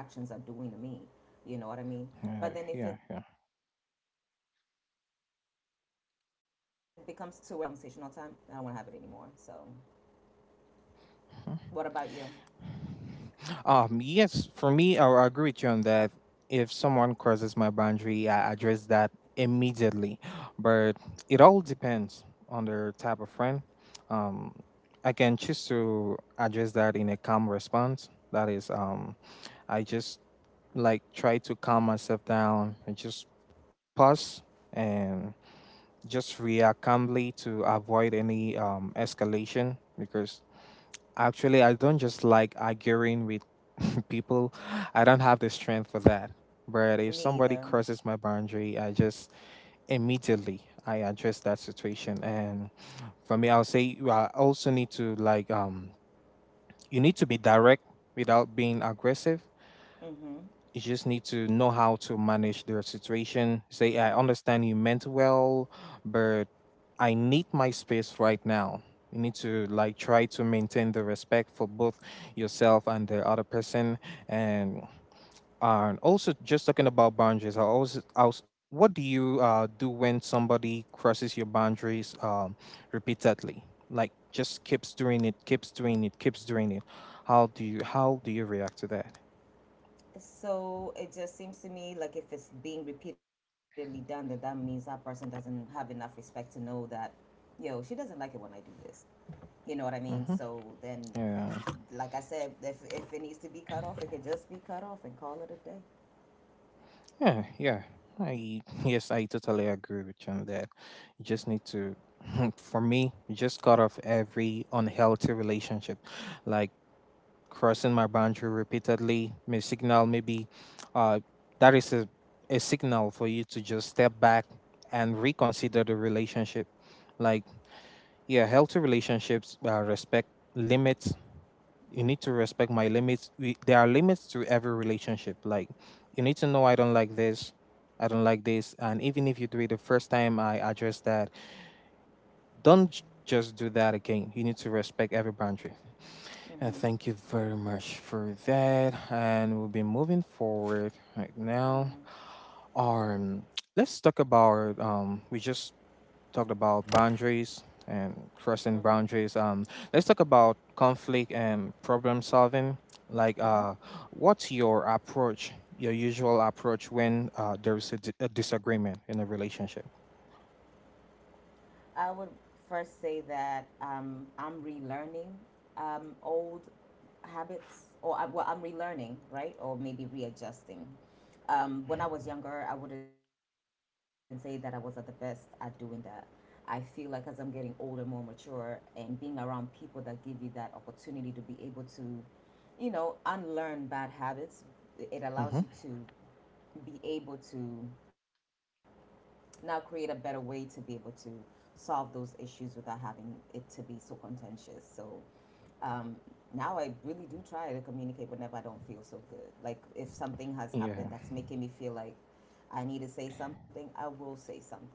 S2: your actions are doing to me. You know what I mean?
S1: yeah,
S2: But
S1: yeah,
S2: then if
S1: yeah.
S2: it becomes to where I'm having to this conversation all the time, I don't want to have it anymore. So, what about you?
S1: Hmm. Um, yes, for me, I, I agree with you on that. If someone crosses my boundary, I address that immediately. But it all depends on the type of friend. Um, I can choose to address that in a calm response. That is, um, I just like try to calm myself down and just pause and just react calmly to avoid any um, escalation because actually, I don't just like arguing with people. I don't have the strength for that. But if
S2: Me
S1: somebody
S2: either.
S1: crosses my boundary, I just immediately I address that situation. And for me, I'll say you are- also need to like um you need to be direct without being aggressive.
S2: Hmm.
S1: You just need to know how to manage their situation. Say, I understand you meant well, but I need my space right now. You need to like try to maintain the respect for both yourself and the other person. And and also, just talking about boundaries, I always, I was, what do you uh, do when somebody crosses your boundaries um, repeatedly? Like just keeps doing it, keeps doing it, keeps doing it. How do you how do you react to that?
S2: So it just seems to me like if it's being repeatedly done, then that means that person doesn't have enough respect to know that, yo, she doesn't like it when I do this. You know what I mean?
S1: Hmm.
S2: So then,
S1: Yeah.
S2: like I said, if, if it needs to be cut off, it can just be cut off and call it a day.
S1: Yeah, yeah. I yes, I totally agree with you on that. You just need to, for me, just cut off every unhealthy relationship, like crossing my boundary repeatedly may signal maybe, uh, that is a a signal for you to just step back and reconsider the relationship. Like yeah, healthy relationships uh, respect limits. You need to respect my limits. We, there are limits to every relationship. Like you need to know, I don't like this, I don't like this, and even if you do it the first time I address that. Don't j- Just do that again, you need to respect every boundary. And
S2: Mm-hmm.
S1: thank you very much for that, and we'll be moving forward right now.
S2: Mm-hmm.
S1: um let's talk about, um we just talked about boundaries and
S2: Mm-hmm.
S1: crossing boundaries. Um, let's talk about conflict and problem solving. Like,
S2: Mm-hmm.
S1: uh, what's your approach, your usual approach when uh, there is a, di- a disagreement in a relationship?
S2: I would first say that um, I'm relearning um, old habits, or I, well, I'm relearning, right? Or maybe readjusting. Um, when I was younger, I wouldn't say that I was at the best at doing that. I feel like as I'm getting older, more mature, and being around people that give you that opportunity to be able to, you know, unlearn bad habits, it allows you
S1: Hmm.
S2: to be able to now create a better way to be able to solve those issues without having it to be so contentious. So um, now I really do try to communicate whenever I don't feel so good. Like if something has happened
S1: Yeah.
S2: that's making me feel like I need to say something, I will say something.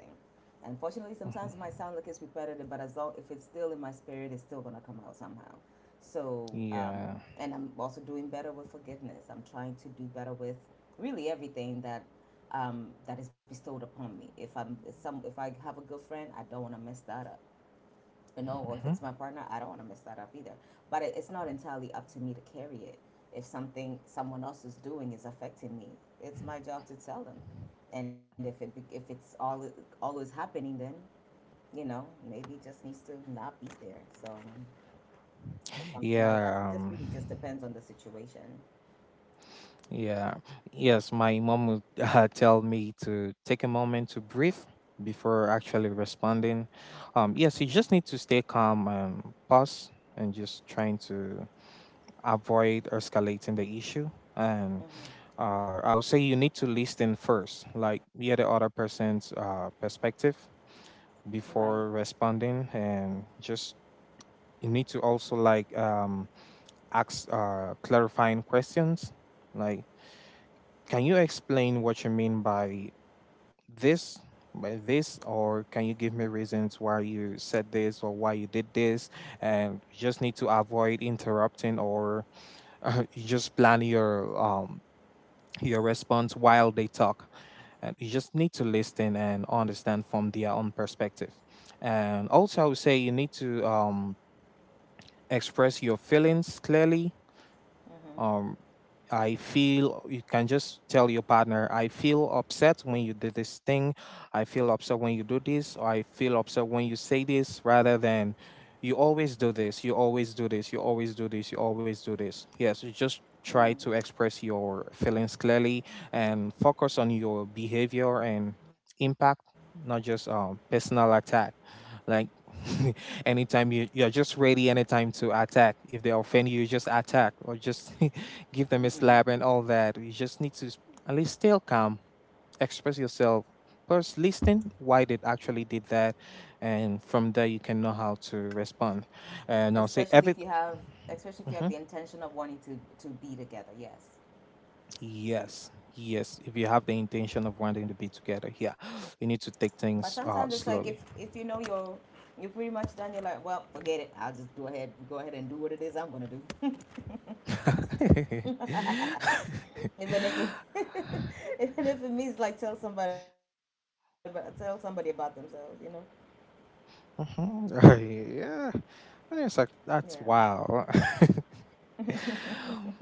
S2: Unfortunately, sometimes it might
S1: Mhm.
S2: sound like it's repetitive, but as long if it's still in my spirit, it's still gonna come out somehow. So, um,
S1: Yeah.
S2: and I'm also doing better with forgiveness. I'm trying to do better with really everything that um, that is bestowed upon me. If I'm if some if I have a good friend, I don't want to mess that up, you know, if it's
S1: Mhm.
S2: my partner, I don't want to mess that up either. But it's not entirely up to me to carry it. If something someone else is doing is affecting me, it's my job to tell them. And if it if it's all always happening, then you know maybe it just needs to not be there. So or something like that. So
S1: Yeah.
S2: it just
S1: Um,
S2: really just depends on the situation.
S1: yeah. Yes, my mom would uh, tell me to take a moment to breathe before actually responding. Um, yes, you just
S2: Mm-hmm.
S1: need to stay calm and pause and just trying to avoid escalating the issue. And
S2: Mm-hmm.
S1: uh, I would say you need to listen first, like hear the other person's uh, perspective
S2: Right.
S1: before responding, and just you need to also like um ask uh, clarifying questions like, can you explain what you mean by this by this or can you give me reasons why you said this or why you did this. And you just need to avoid interrupting or uh, you just plan your um your response while they talk, and you just need to listen and understand from their own perspective. And also I would say you need to um express your feelings clearly.
S2: Mm-hmm.
S1: um I feel you can just tell your partner, I feel upset when you did this thing. I feel upset when you do this, or I feel upset when you say this, rather than you always do this, you always do this, you always do this, you always do this. Yes, you just
S2: Mm-hmm.
S1: try to express your feelings clearly and focus on your behavior and impact, not just um, personal attack. Like anytime you you're just ready anytime to attack. If they offend you just attack or just give them a
S2: Mm-hmm.
S1: slap and all that. You just need to s- At least still calm, express yourself, first listen why they actually did that, and from there you can know how to respond. And I'll say
S2: Especially
S1: every
S2: if you have, especially if you have the
S1: Hmm.
S2: intention of wanting to to be together. Yes.
S1: Yes, yes. If you have the intention of wanting to be together, yeah, you need
S2: But
S1: to take
S2: sometimes it's
S1: things
S2: like if
S1: uh,
S2: if you
S1: slowly.
S2: know you're you're pretty much done, you're like, well, forget it. I'll just go ahead go ahead and do what it is I'm gonna do, even if it even if it means like tell somebody about, tell somebody about themselves, you know?
S1: Mhm. Yeah. And it's like
S2: Yeah.
S1: that's wow.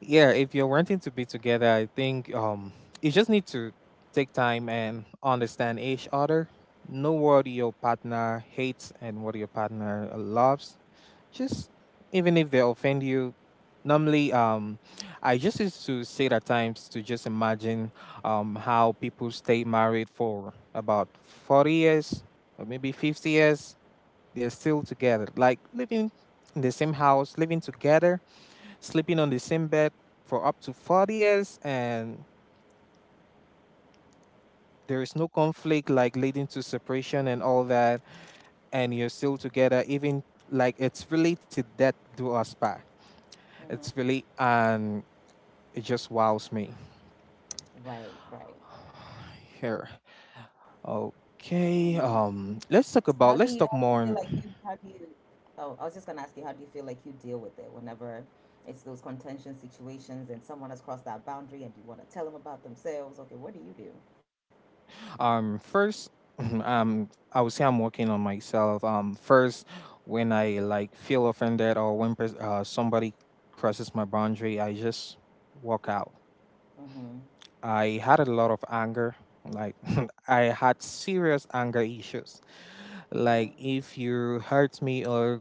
S1: Yeah, if you're wanting to be together, I think um you just need to take time and understand each other. Know what your partner hates and what your partner uh, loves. Just even if they offend you. Normally, um, I just used to sit at times to just imagine um how people stay married for about forty years, or maybe fifty years they're still together, like living in the same house, living together, sleeping on the same bed for up to forty years, and there is no conflict like leading to separation and all that, and you're still together, even like it's really to that do us part. It's
S2: Hmm.
S1: really, and it just wows me.
S2: Right. Right.
S1: Here,
S2: Hmm.
S1: okay,
S2: How
S1: um,
S2: do you
S1: let's
S2: how
S1: talk
S2: do you
S1: about,
S2: feel
S1: let's
S2: like
S1: talk
S2: you
S1: more
S2: how do
S1: on—
S2: you Oh, I was just gonna ask you, how do you feel like you deal with it whenever it's those contention situations and someone has crossed that boundary and you want to tell them about themselves? Okay, what do you do?
S1: Um, first, um, I would say I'm working on myself. Um, first, when I like feel offended or when pers- uh, somebody crosses my boundary, I just walk out.
S2: Mm-hmm.
S1: I had a lot of anger. Like I had serious anger issues.
S2: Mm-hmm.
S1: Like if you hurt me or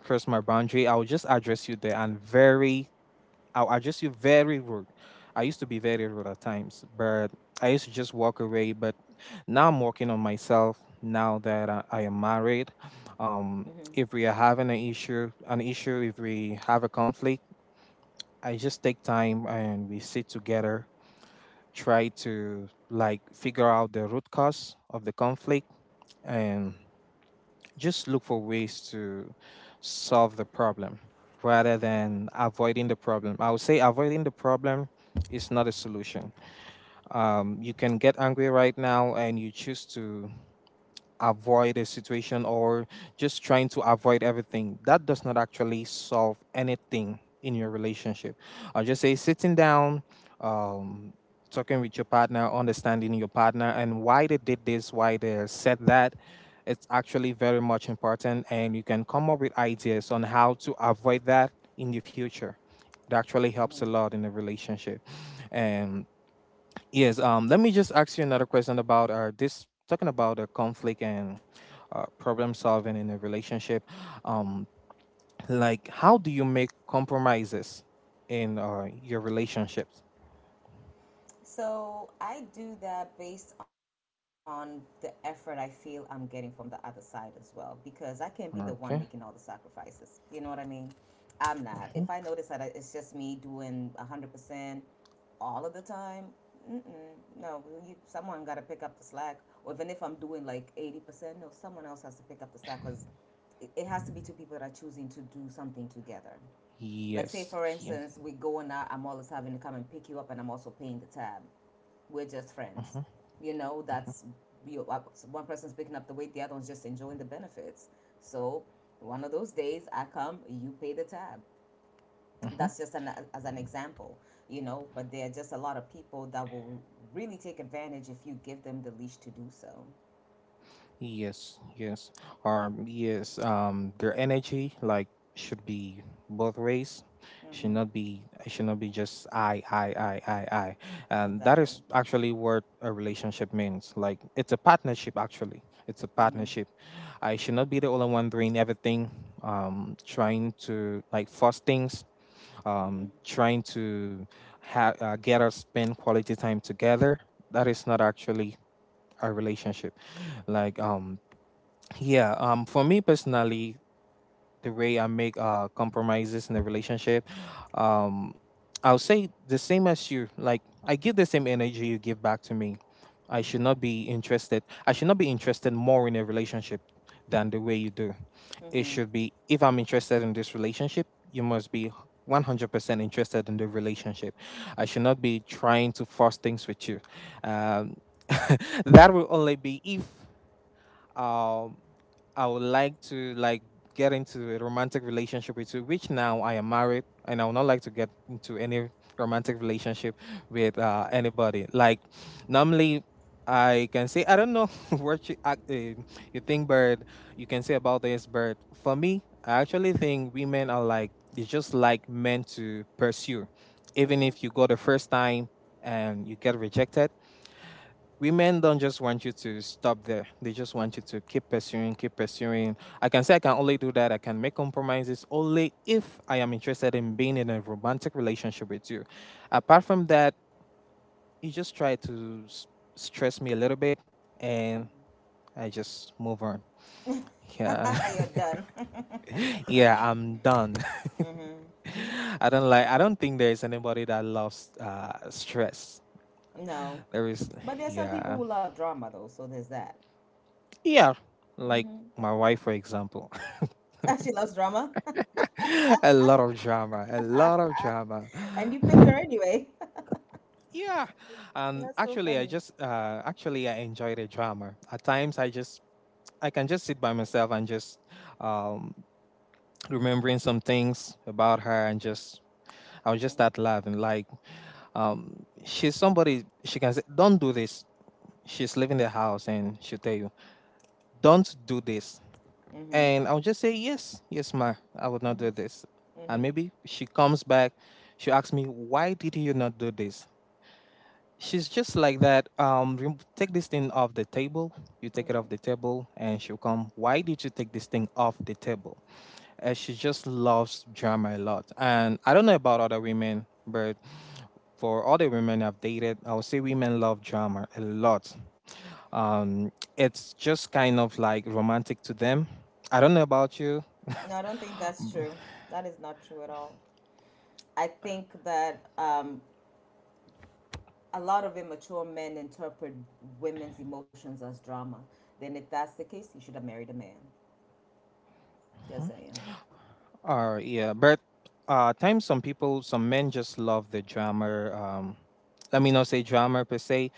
S1: cross my boundary, I will just address you there and very I'll address you very rude. I used to be very rude at times, but I used to just walk away. But now I'm working on myself. Now that I, I am married, um,
S2: Mm-hmm.
S1: if we are having an issue, an issue, if we have a conflict, I just take time and we sit together, try to like figure out the root cause of the conflict, and just look for ways to solve the problem rather than
S2: Mm-hmm,
S1: avoiding the problem. I would say avoiding the problem is not a solution. Um, you can get angry right now and you choose to avoid a situation or just trying to avoid everything. That does not actually solve anything in your relationship. I'll just say sitting down, um, talking with your partner, understanding your partner and why they did this, why they said that. It's actually very much important, and you can come up with ideas on how to avoid that in the future. It actually helps
S2: mm-hmm.
S1: a lot in a relationship. And yes. Um. Let me just ask you another question about uh this, talking about uh, conflict and uh, problem solving in a relationship. Um. Like, how do you make compromises in uh your relationships?
S2: So I do that based on the effort I feel I'm getting from the other side as well, because I can't be the one making all the
S1: Okay.
S2: sacrifices. You know what I mean? I'm not. If I
S1: Hmm.
S2: notice that I- it's just me doing one hundred percent all of the time, mm-mm, no, you, someone got to pick up the slack. Or even if I'm doing like eighty percent, no, someone else has to pick up the slack because it, it has to be two people that are choosing to do something together. Like, say,
S1: Yes.
S2: for
S1: Yes.
S2: instance, we're going out, I'm always having to come and pick you up, and I'm also paying the tab. We're just friends.
S1: Hmm.
S2: You know, that's you, uh, one person's picking up the weight, the other one's just enjoying the benefits. So, one of those days, I come, you pay the tab.
S1: Hmm.
S2: That's just an, as an example, you know, but there are just a lot of people that will really take advantage if you give them the leash to do so.
S1: Yes, yes. Um, yes, um, their energy like should be both ways. Should
S2: Mm-hmm.
S1: not be it should not be just I, I, I, I, I. And that
S2: Exactly.
S1: is actually what a relationship means. Like it's a partnership actually. It's a
S2: Mm-hmm.
S1: partnership. I should not be the only one doing everything, um, trying to like force things, um,
S2: Mm-hmm.
S1: trying to ha- uh, get us spend quality time together. That is not actually a relationship.
S2: Right.
S1: Like um yeah, um, for me personally, the way I make uh compromises in the relationship, um, I'll say the same as you. Like I give the same energy you give back to me. I should not be interested. I should not be interested more in a relationship than the way you do. It
S2: Mm-hmm.
S1: should be if I'm interested in this relationship, you must be one hundred percent interested in the relationship. I should not be trying to force things with you. Um, that will only be if. Um, I would like to like get into a romantic relationship with you, which now I am married and I would not like to get into any romantic relationship with uh, anybody. Like normally I can say I don't know what you act- eh, you think, but you can say about this. But for me, I actually think women are like, it's just like men to pursue, even if you go the first time and you get rejected, women don't just want you to stop there. They just want you to keep pursuing, keep pursuing. I can say I can only do that. I can make compromises only if I am interested in being in a romantic relationship with you. Apart from that, you just try to s- stress me a little bit, and I just move on.
S2: Mm-hmm.
S1: Yeah.
S2: Mm-hmm. You're done.
S1: Yeah, I'm done.
S2: Mm-hmm.
S1: I don't like I don't think there is anybody that loves uh stress.
S2: No.
S1: There is
S2: But there's some people
S1: yeah.
S2: who love drama, though, so there's that.
S1: Yeah, like
S2: Mm-hmm.
S1: my wife for example.
S2: She loves drama,
S1: A lot of drama, a lot of drama.
S2: and you picked her anyway.
S1: Yeah, um,
S2: That's so
S1: actually, I
S2: funny.
S1: just uh, actually I enjoy the drama. At times, I just I can just sit by myself and just um remembering some things about her and just I'll just start
S2: Mm-hmm.
S1: laughing. Like, um, she's somebody, she can say, "Don't do this." She's leaving the house and she'll tell you, "Don't do this."
S2: Mm-hmm.
S1: And I'll just say, yes, yes, ma, I would not
S2: Mm-hmm.
S1: do this. And maybe she comes back, she asks me, why did you not do this? She's just like that. Um, rem- take this thing off the table. You take it off the
S2: Mm-hmm.
S1: table, and she'll come. Why did you take this thing off the table? Uh, she just loves drama a lot. And I don't know about other women, but for other women I've dated, I would say women love drama a lot. um it's just kind of like romantic to them. I don't know about you.
S2: No, I don't think that's true. That is not true at all. I think that um, a lot of immature men interpret women's emotions as drama. Then, if that's the case, you should have married a man. Just
S1: Mm,
S2: saying.
S1: or yeah but uh at times some people some men just love the drama. Um let me not say drama per se.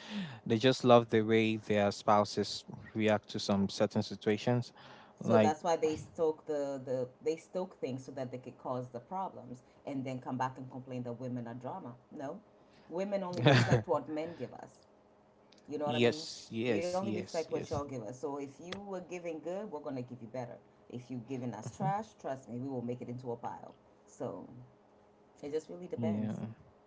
S1: They just love the way their spouses react to some certain situations.
S2: So
S1: Like,
S2: that's why they stoke the, the they stoke things so that they could cause the problems and then come back and complain that women are drama. No. Women only reflect what men give us. You know what I mean?
S1: yes,
S2: We only
S1: yes,
S2: reflect
S1: yes,
S2: what y'all
S1: yes.
S2: give us. So if you were giving good, we're gonna give you better. If you giving us
S1: Mhm.
S2: trash, trust me, we will make it into a pile. So it just really
S1: Yeah.
S2: depends.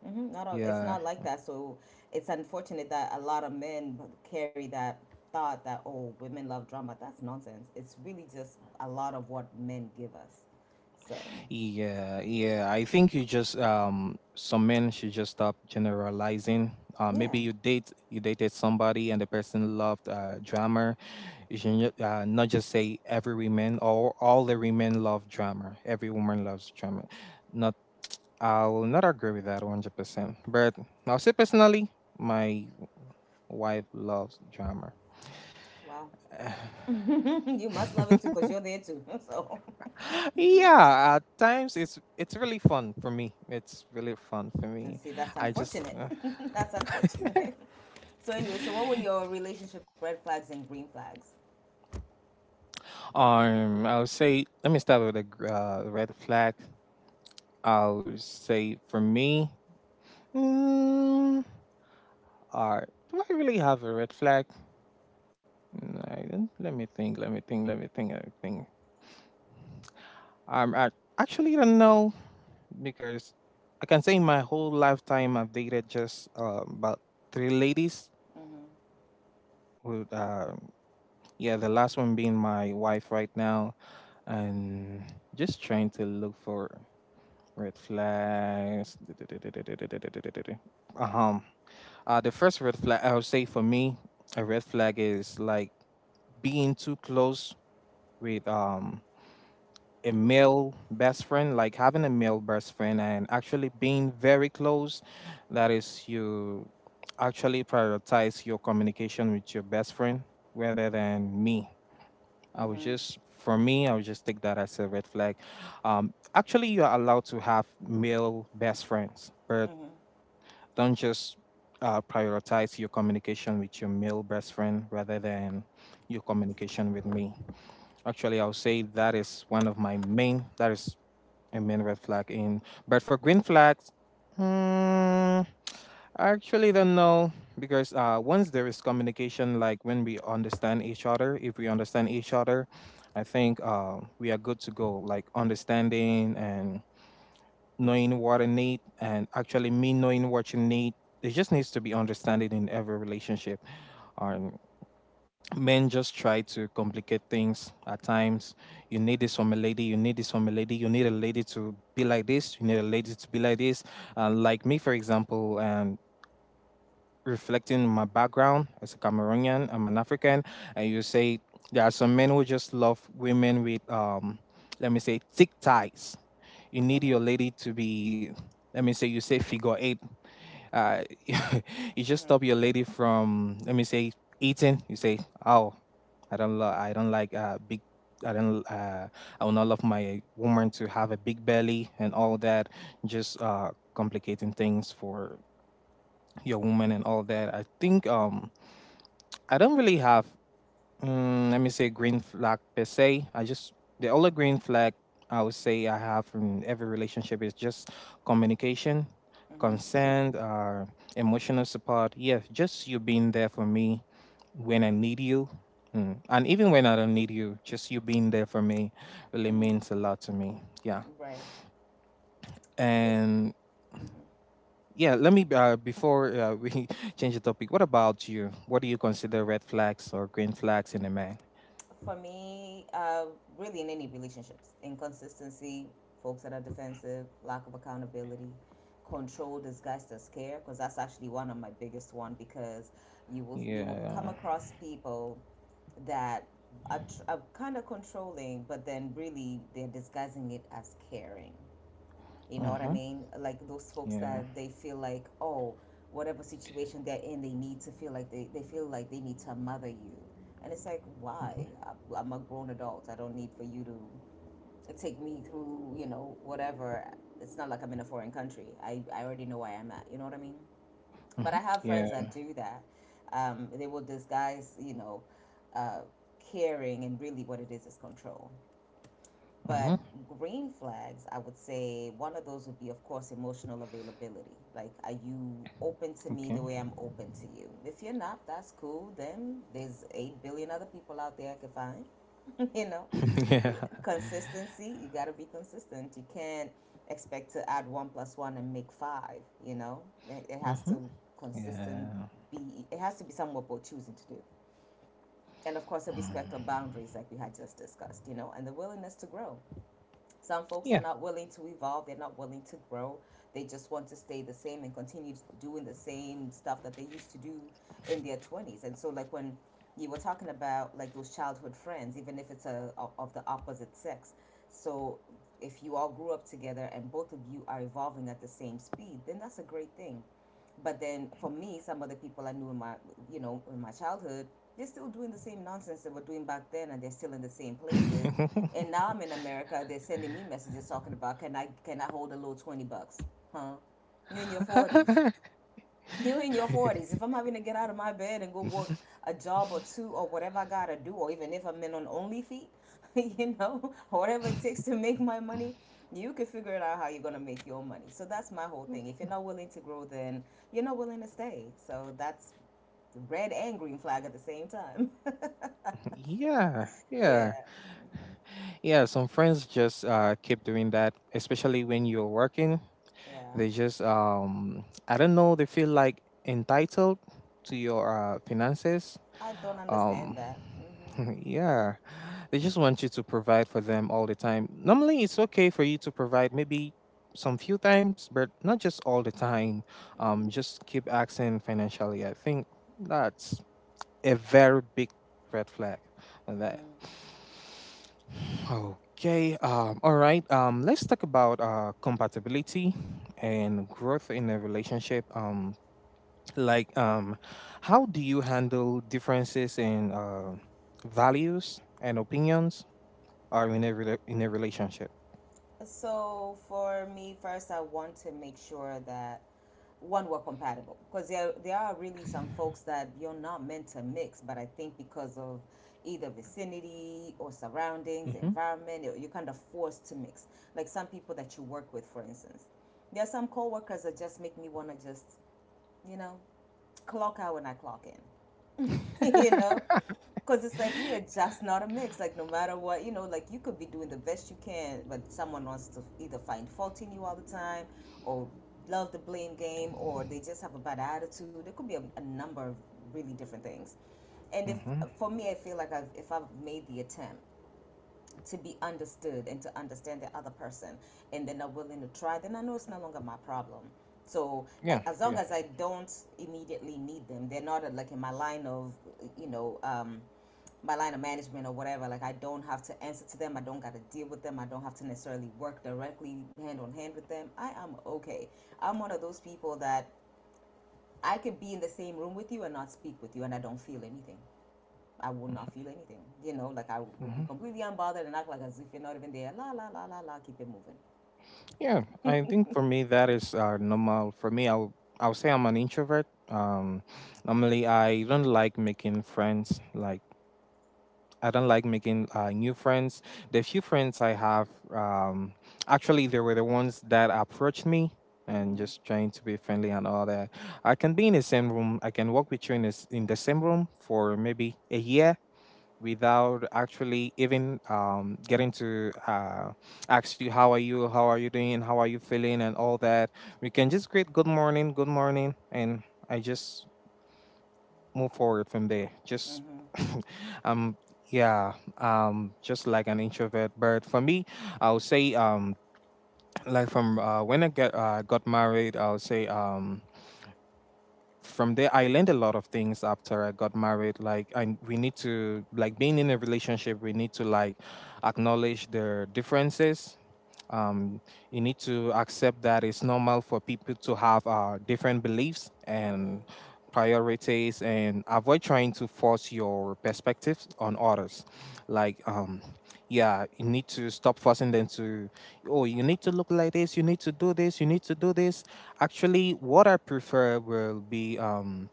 S2: Hmm. Not all, it's
S1: Yeah,
S2: not like that. So it's unfortunate that a lot of men carry that thought that oh women love drama. That's nonsense. It's really just a lot of what men give us. So
S1: yeah, yeah. I think you just um some men should just stop generalizing. Uh, maybe
S2: yeah,
S1: you date you dated somebody and the person loved uh drama. You should ju- uh, not just say every woman or all the women love drama. Every woman loves drama. Not I'll not agree with that one hundred percent. But I'll say personally, my wife loves drama.
S2: wow. You must love it too
S1: Uh,
S2: because you're there too. So
S1: yeah, at times it's it's really fun for me. It's really fun for
S2: and
S1: me.
S2: see that's
S1: I just
S2: unfortunate.
S1: uh,
S2: That's unfortunate. So anyway, so what were your relationship red flags and green flags?
S1: um I'll say let me start with a gr- uh, red flag. I'll say for me, mm, uh, do I really have a red flag? Mm, I don't, let me think. Let me think. Let me think. Let me think. Um, I actually don't know because I can say my whole lifetime I've dated just uh, about three ladies.
S2: Mm-hmm.
S1: With uh, yeah, the last one being my wife right now, and just trying to look for red flags. Um, uh, the first red flag I would say for me, a red flag is like being too close with um a male best friend, like having a male best friend and actually being very close, that is, you actually prioritize your communication with your best friend rather than me. I would
S2: Mm-hmm.
S1: just, for me, I would just take that as a red flag. Um, actually, you are allowed to have male best friends, but
S2: Mm-hmm.
S1: don't just uh, prioritize your communication with your male best friend rather than your communication with me. Actually, I'll say that is one of my main, that is I mean red flag in. But for green flags, mm, I actually don't know because uh, once there is communication, like when we understand each other, if we understand each other, I think uh, we are good to go. Like understanding and knowing what I need, and actually me knowing what you need. There just needs to be understanding in every relationship. Men just try to complicate things at times. You need this from a lady, you need this from a lady, you need a lady to be like this, you need a lady to be like this. Uh, like me, for example, and reflecting my background as a Cameroonian, I'm an African, and you say there are some men who just love women with, um, let me say, thick ties. You need your
S2: Mm-hmm.
S1: lady to be, let me say, you say figure eight, uh, you just
S2: Mm-hmm.
S1: stop your lady from let me say eating. You say, "Oh, I don't love. I don't like uh big. I don't. Uh, I will not love my woman to have a big belly and all that. Just uh complicating things for your woman and all that. I think um I don't really have Mm, let me say green flag per se. I just The only green flag I would say I have from every relationship is just communication,
S2: Mm-hmm.
S1: consent, uh, emotional support. Yeah, just you being there for me when I need you, mm. and even when I don't need you, just you being there for me really
S2: Mm-hmm.
S1: means a lot to me. Yeah,
S2: Right. It,
S1: and
S2: mm-hmm.
S1: yeah, let me uh, before uh, we change the topic. What about you? What do you consider red flags or green flags in a man?
S2: For me, uh, really in any relationships, inconsistency, folks that are defensive, lack of accountability, control, disgust, or scare, because that's actually one of my biggest one because you will you will come
S1: Yeah.
S2: across people that are, tr- are kind of controlling, but then really they're disguising it as caring. You know what I
S1: Mhm.
S2: mean? Like those folks
S1: Yeah.
S2: that they feel like, oh, whatever situation they're in, they need to feel like they, they feel like they need to mother you. And it's like, why?
S1: Mhm.
S2: I- I'm a grown adult. I don't need for you to take me through, you know, whatever. It's not like I'm in a foreign country. I, I already know where I'm at. You know what I mean? But I
S1: Mhm.
S2: have friends
S1: Yeah.
S2: that do that. Um, they will disguise, you know, uh, caring, and really what it is is control. But
S1: Mhm.
S2: green flags, I would say one of those would be, of course, emotional availability. Like, are you open to me
S1: Okay.
S2: the way I'm open to you? If you're not, that's cool. Then there's eight billion other people out there I could find. You know,
S1: yeah.
S2: consistency, you got to be consistent. You can't expect to add one plus one and make five, you know? It, it has
S1: Mhm.
S2: to consistent
S1: Yeah.
S2: be, it has to be somewhat what we're choosing to do. And of course, a
S1: Hmm.
S2: respect of boundaries, like we had just discussed, you know, and the willingness to grow. Some folks are
S1: Yeah.
S2: not willing to evolve, they're not willing to grow. They just want to stay the same and continue doing the same stuff that they used to do in their twenties. And so, like, when you were talking about like those childhood friends, even if it's a, of- the opposite sex, so if you all grew up together and both of you are evolving at the same speed, then that's a great thing. But then for me, some other people I knew in my, you know, in my childhood, they're still doing the same nonsense they were doing back then, and they're still in the same places. And now I'm in America. They're sending me messages talking about can I can I hold a little twenty bucks? Huh? You're in your forties you're in your forties. If I'm having to get out of my bed and go work a job or two or whatever I gotta do, or even if I'm in on only feet, you know, or whatever it takes to make my money, you can figure it out how you're gonna make your money. So that's my whole thing. If you're not willing to grow, then you're not willing to stay. So that's red and green flag at the same time.
S1: yeah.
S2: Yeah,
S1: Yeah. Yeah. Some friends just uh keep doing that, especially when you're working.
S2: yeah.
S1: They just um I don't know. They feel like entitled to your uh, finances.
S2: I don't understand
S1: um
S2: that. Mm-hmm.
S1: yeah, they just want you to provide for them all the time. Normally it's okay for you to provide maybe some few times, but not just all the time. Um
S2: Mm-hmm.
S1: just keep asking financially. I think that's a very big red flag on that.
S2: Mm-hmm.
S1: Okay. Um all right. Um let's talk about uh compatibility and growth in a relationship. um like, um, how do you handle differences in uh, values and opinions or in a rela- in a relationship?
S2: So for me, first, I want to make sure that one were compatible because there there are really some folks that you're not meant to mix, but I think because of either vicinity or surroundings
S1: Hmm.
S2: environment you're kind of forced to mix, like some people that you work with, for instance. There are some coworkers that just make me want to just, you know, clock out when I clock in. You know? Because it's like we are just not a mix. Like, no matter what, you know, like you could be doing the best you can, but someone wants to either find fault in you all the time or love the blame game or they just have a bad attitude. There could be a, a number of really different things. And if,
S1: Hmm.
S2: for me, I feel like I've, if I've made the attempt to be understood and to understand the other person and they're not willing to try, then I know it's no longer my problem. So
S1: Yeah,
S2: as long
S1: yeah.
S2: as I don't immediately need them, they're not uh, like in my line of, you know, um, my line of management or whatever. Like I don't have to answer to them. I don't got to deal with them. I don't have to necessarily work directly hand on hand with them. I am okay. I'm one of those people that I could be in the same room with you and not speak with you, and I don't feel anything. I will not feel anything. You know, like I will be
S1: Hmm.
S2: completely unbothered and act like as if you're not even there. La la la la la. Keep it moving.
S1: Yeah, I think for me that is uh, normal. For me, I'll I'll say I'm an introvert. Um, normally I don't like making friends. Like I don't like making uh, new friends. The few friends I have, um, actually they were the ones that approached me and
S2: Mhm.
S1: just trying to be friendly and all that. I can be in the same room. I can work with you in this in the same room for maybe a year without actually even um, getting to uh, ask you how are you, how are you doing, how are you feeling, and all that. We can just greet good morning, good morning, and I just move forward from there. Just
S2: Mhm.
S1: um yeah, um just like an introvert. But for me I will say um like from uh, when I get uh, got married, I will say um from there I learned a lot of things after I got married. Like i we need to like being in a relationship, we need to like acknowledge the differences. um, you need to accept that it's normal for people to have uh, different beliefs and
S2: Mhm.
S1: priorities, and avoid trying to force your perspectives on others. like um yeah, you need to stop forcing them to, oh, you need to look like this, you need to do this, you need to do this. Actually, what I prefer will be, um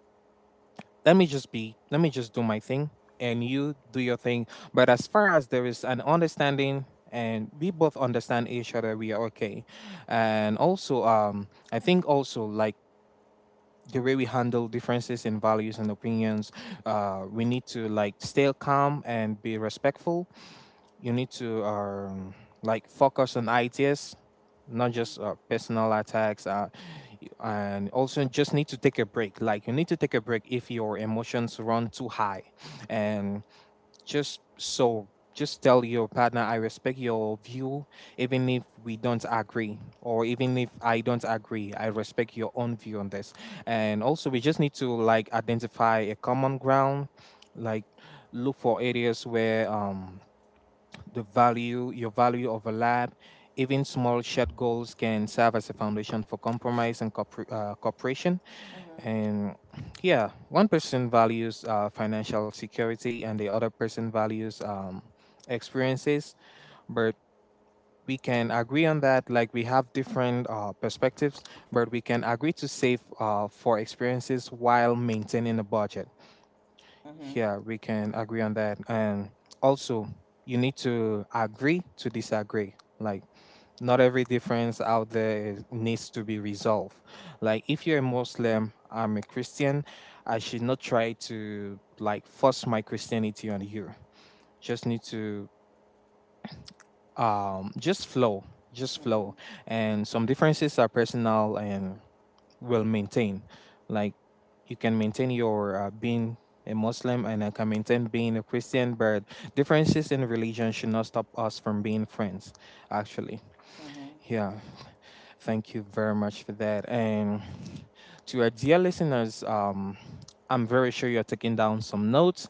S1: let me just be, let me just do my thing and you do your thing. But as far as there is an understanding and we both understand each other, we are okay. And also, um I think also, like, the way we handle differences in values and opinions, uh we need to like stay calm and be respectful. You need to um, like focus on ideas, not just uh, personal attacks. Uh, y- and also, just need to take a break. Like, you need to take a break if your emotions run too high, and just so just tell your partner, I respect your view. Even if we don't agree, or even if I don't agree, I respect your own view on this. And also, we just need to like identify a common ground. Like, look for areas where um the value, your value of a lab. Even small shared goals can serve as a foundation for compromise and corpor- uh, cooperation.
S2: Mhm.
S1: And yeah, one person values uh, financial security and the other person values um, experiences, but we can agree on that. Like, we have different uh, perspectives, but we can agree to save uh, for experiences while maintaining a budget.
S2: Mhm. Mhm.
S1: Yeah, we can agree on that. And also, you need to agree to disagree. Like, not every difference out there is, needs to be resolved. Like, if you're a Muslim, I'm a Christian, I should not try to like force my Christianity on you. Just need to um just flow, just flow.
S2: Mhm.
S1: And some differences are personal and well maintained. Like, you can maintain your uh, being a Muslim and I can maintain being a Christian, but differences in religion should not stop us from being friends. Actually,
S2: Mhm.
S1: yeah. Thank you very much for that. And to our dear listeners, um, I'm very sure you're taking down some notes.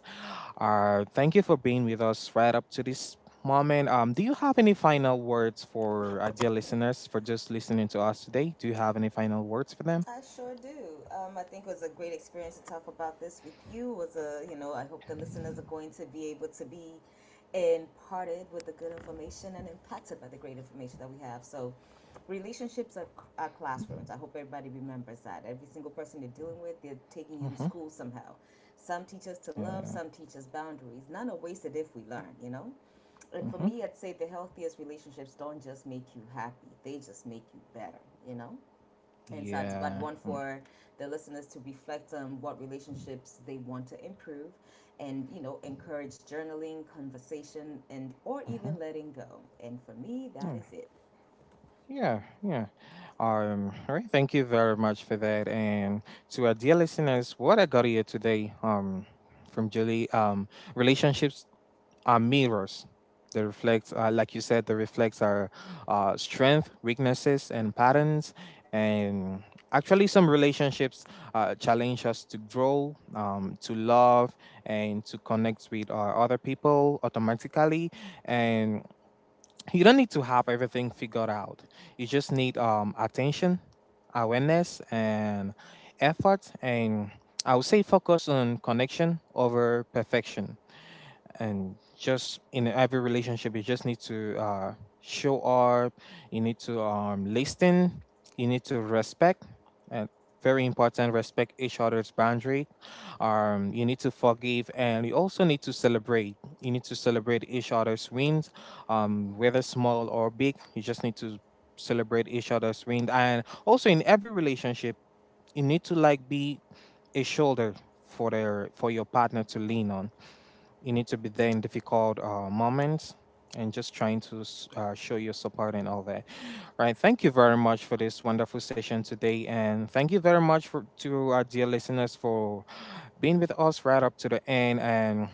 S1: Uh, thank you for being with us right up to this moment. Um, do you have any final words for our dear listeners for just listening to us today? Do you have any final words for them?
S2: I sure do. Um, I think it was a great experience to talk about this with you. It was a you know I hope the listeners are going to be able to be imparted with the good information and impacted by the great information that we have. So, relationships are, are classrooms. I hope everybody remembers that. Every single person you're dealing with, they're taking you to school somehow. Some teach us to love,
S1: Uh,
S2: some teach us boundaries. None are wasted if we learn, you know? And for
S1: hmm.
S2: me, I'd say the healthiest relationships don't just make you happy, they just make you better, you know? Insights, but
S1: Yeah.
S2: one
S1: Hmm.
S2: for the listeners to reflect on what relationships they want to improve, and you know, encourage journaling, conversation, and or
S1: Mm-hmm.
S2: even letting go. And for me, that
S1: Yeah,
S2: is it.
S1: yeah, yeah. Um, all right, thank you very much for that. And to our dear listeners, what I got here today, um, from Julie, um, relationships are mirrors. They reflect, uh, like you said, they reflect our uh, strength, weaknesses, and patterns. And actually, some relationships uh, challenge us to grow, um, to love, and to connect with uh, other people automatically. And you don't need to have everything figured out. You just need um, attention, awareness, and effort. And I would say focus on connection over perfection. And just in every relationship, you just need to uh show up, you need to um listen, you need to respect, and very important, respect each other's boundary. Um you need to forgive, and you also need to celebrate. You need to celebrate each other's wins, um whether small or big. You just need to celebrate each other's wins. And also in every relationship, you need to like be a shoulder for their for your partner to lean on. You need to be there in difficult uh, moments, and just trying to s- uh, show your support and all that. All right. Thank you very much for this wonderful session today. And thank you very much for, to our dear listeners for being with us right up to the end. And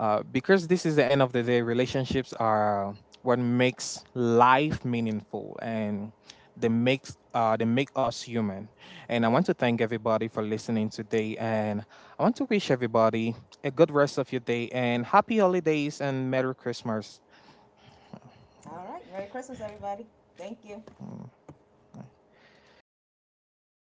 S1: uh, because this is the end of the day, relationships are what makes life meaningful. And that makes uh that make us human. And I want to thank everybody for listening today, and I want to wish everybody a good rest of your day, and happy holidays, and Merry Christmas.
S2: All right, merry christmas everybody. Thank you.
S1: Mm.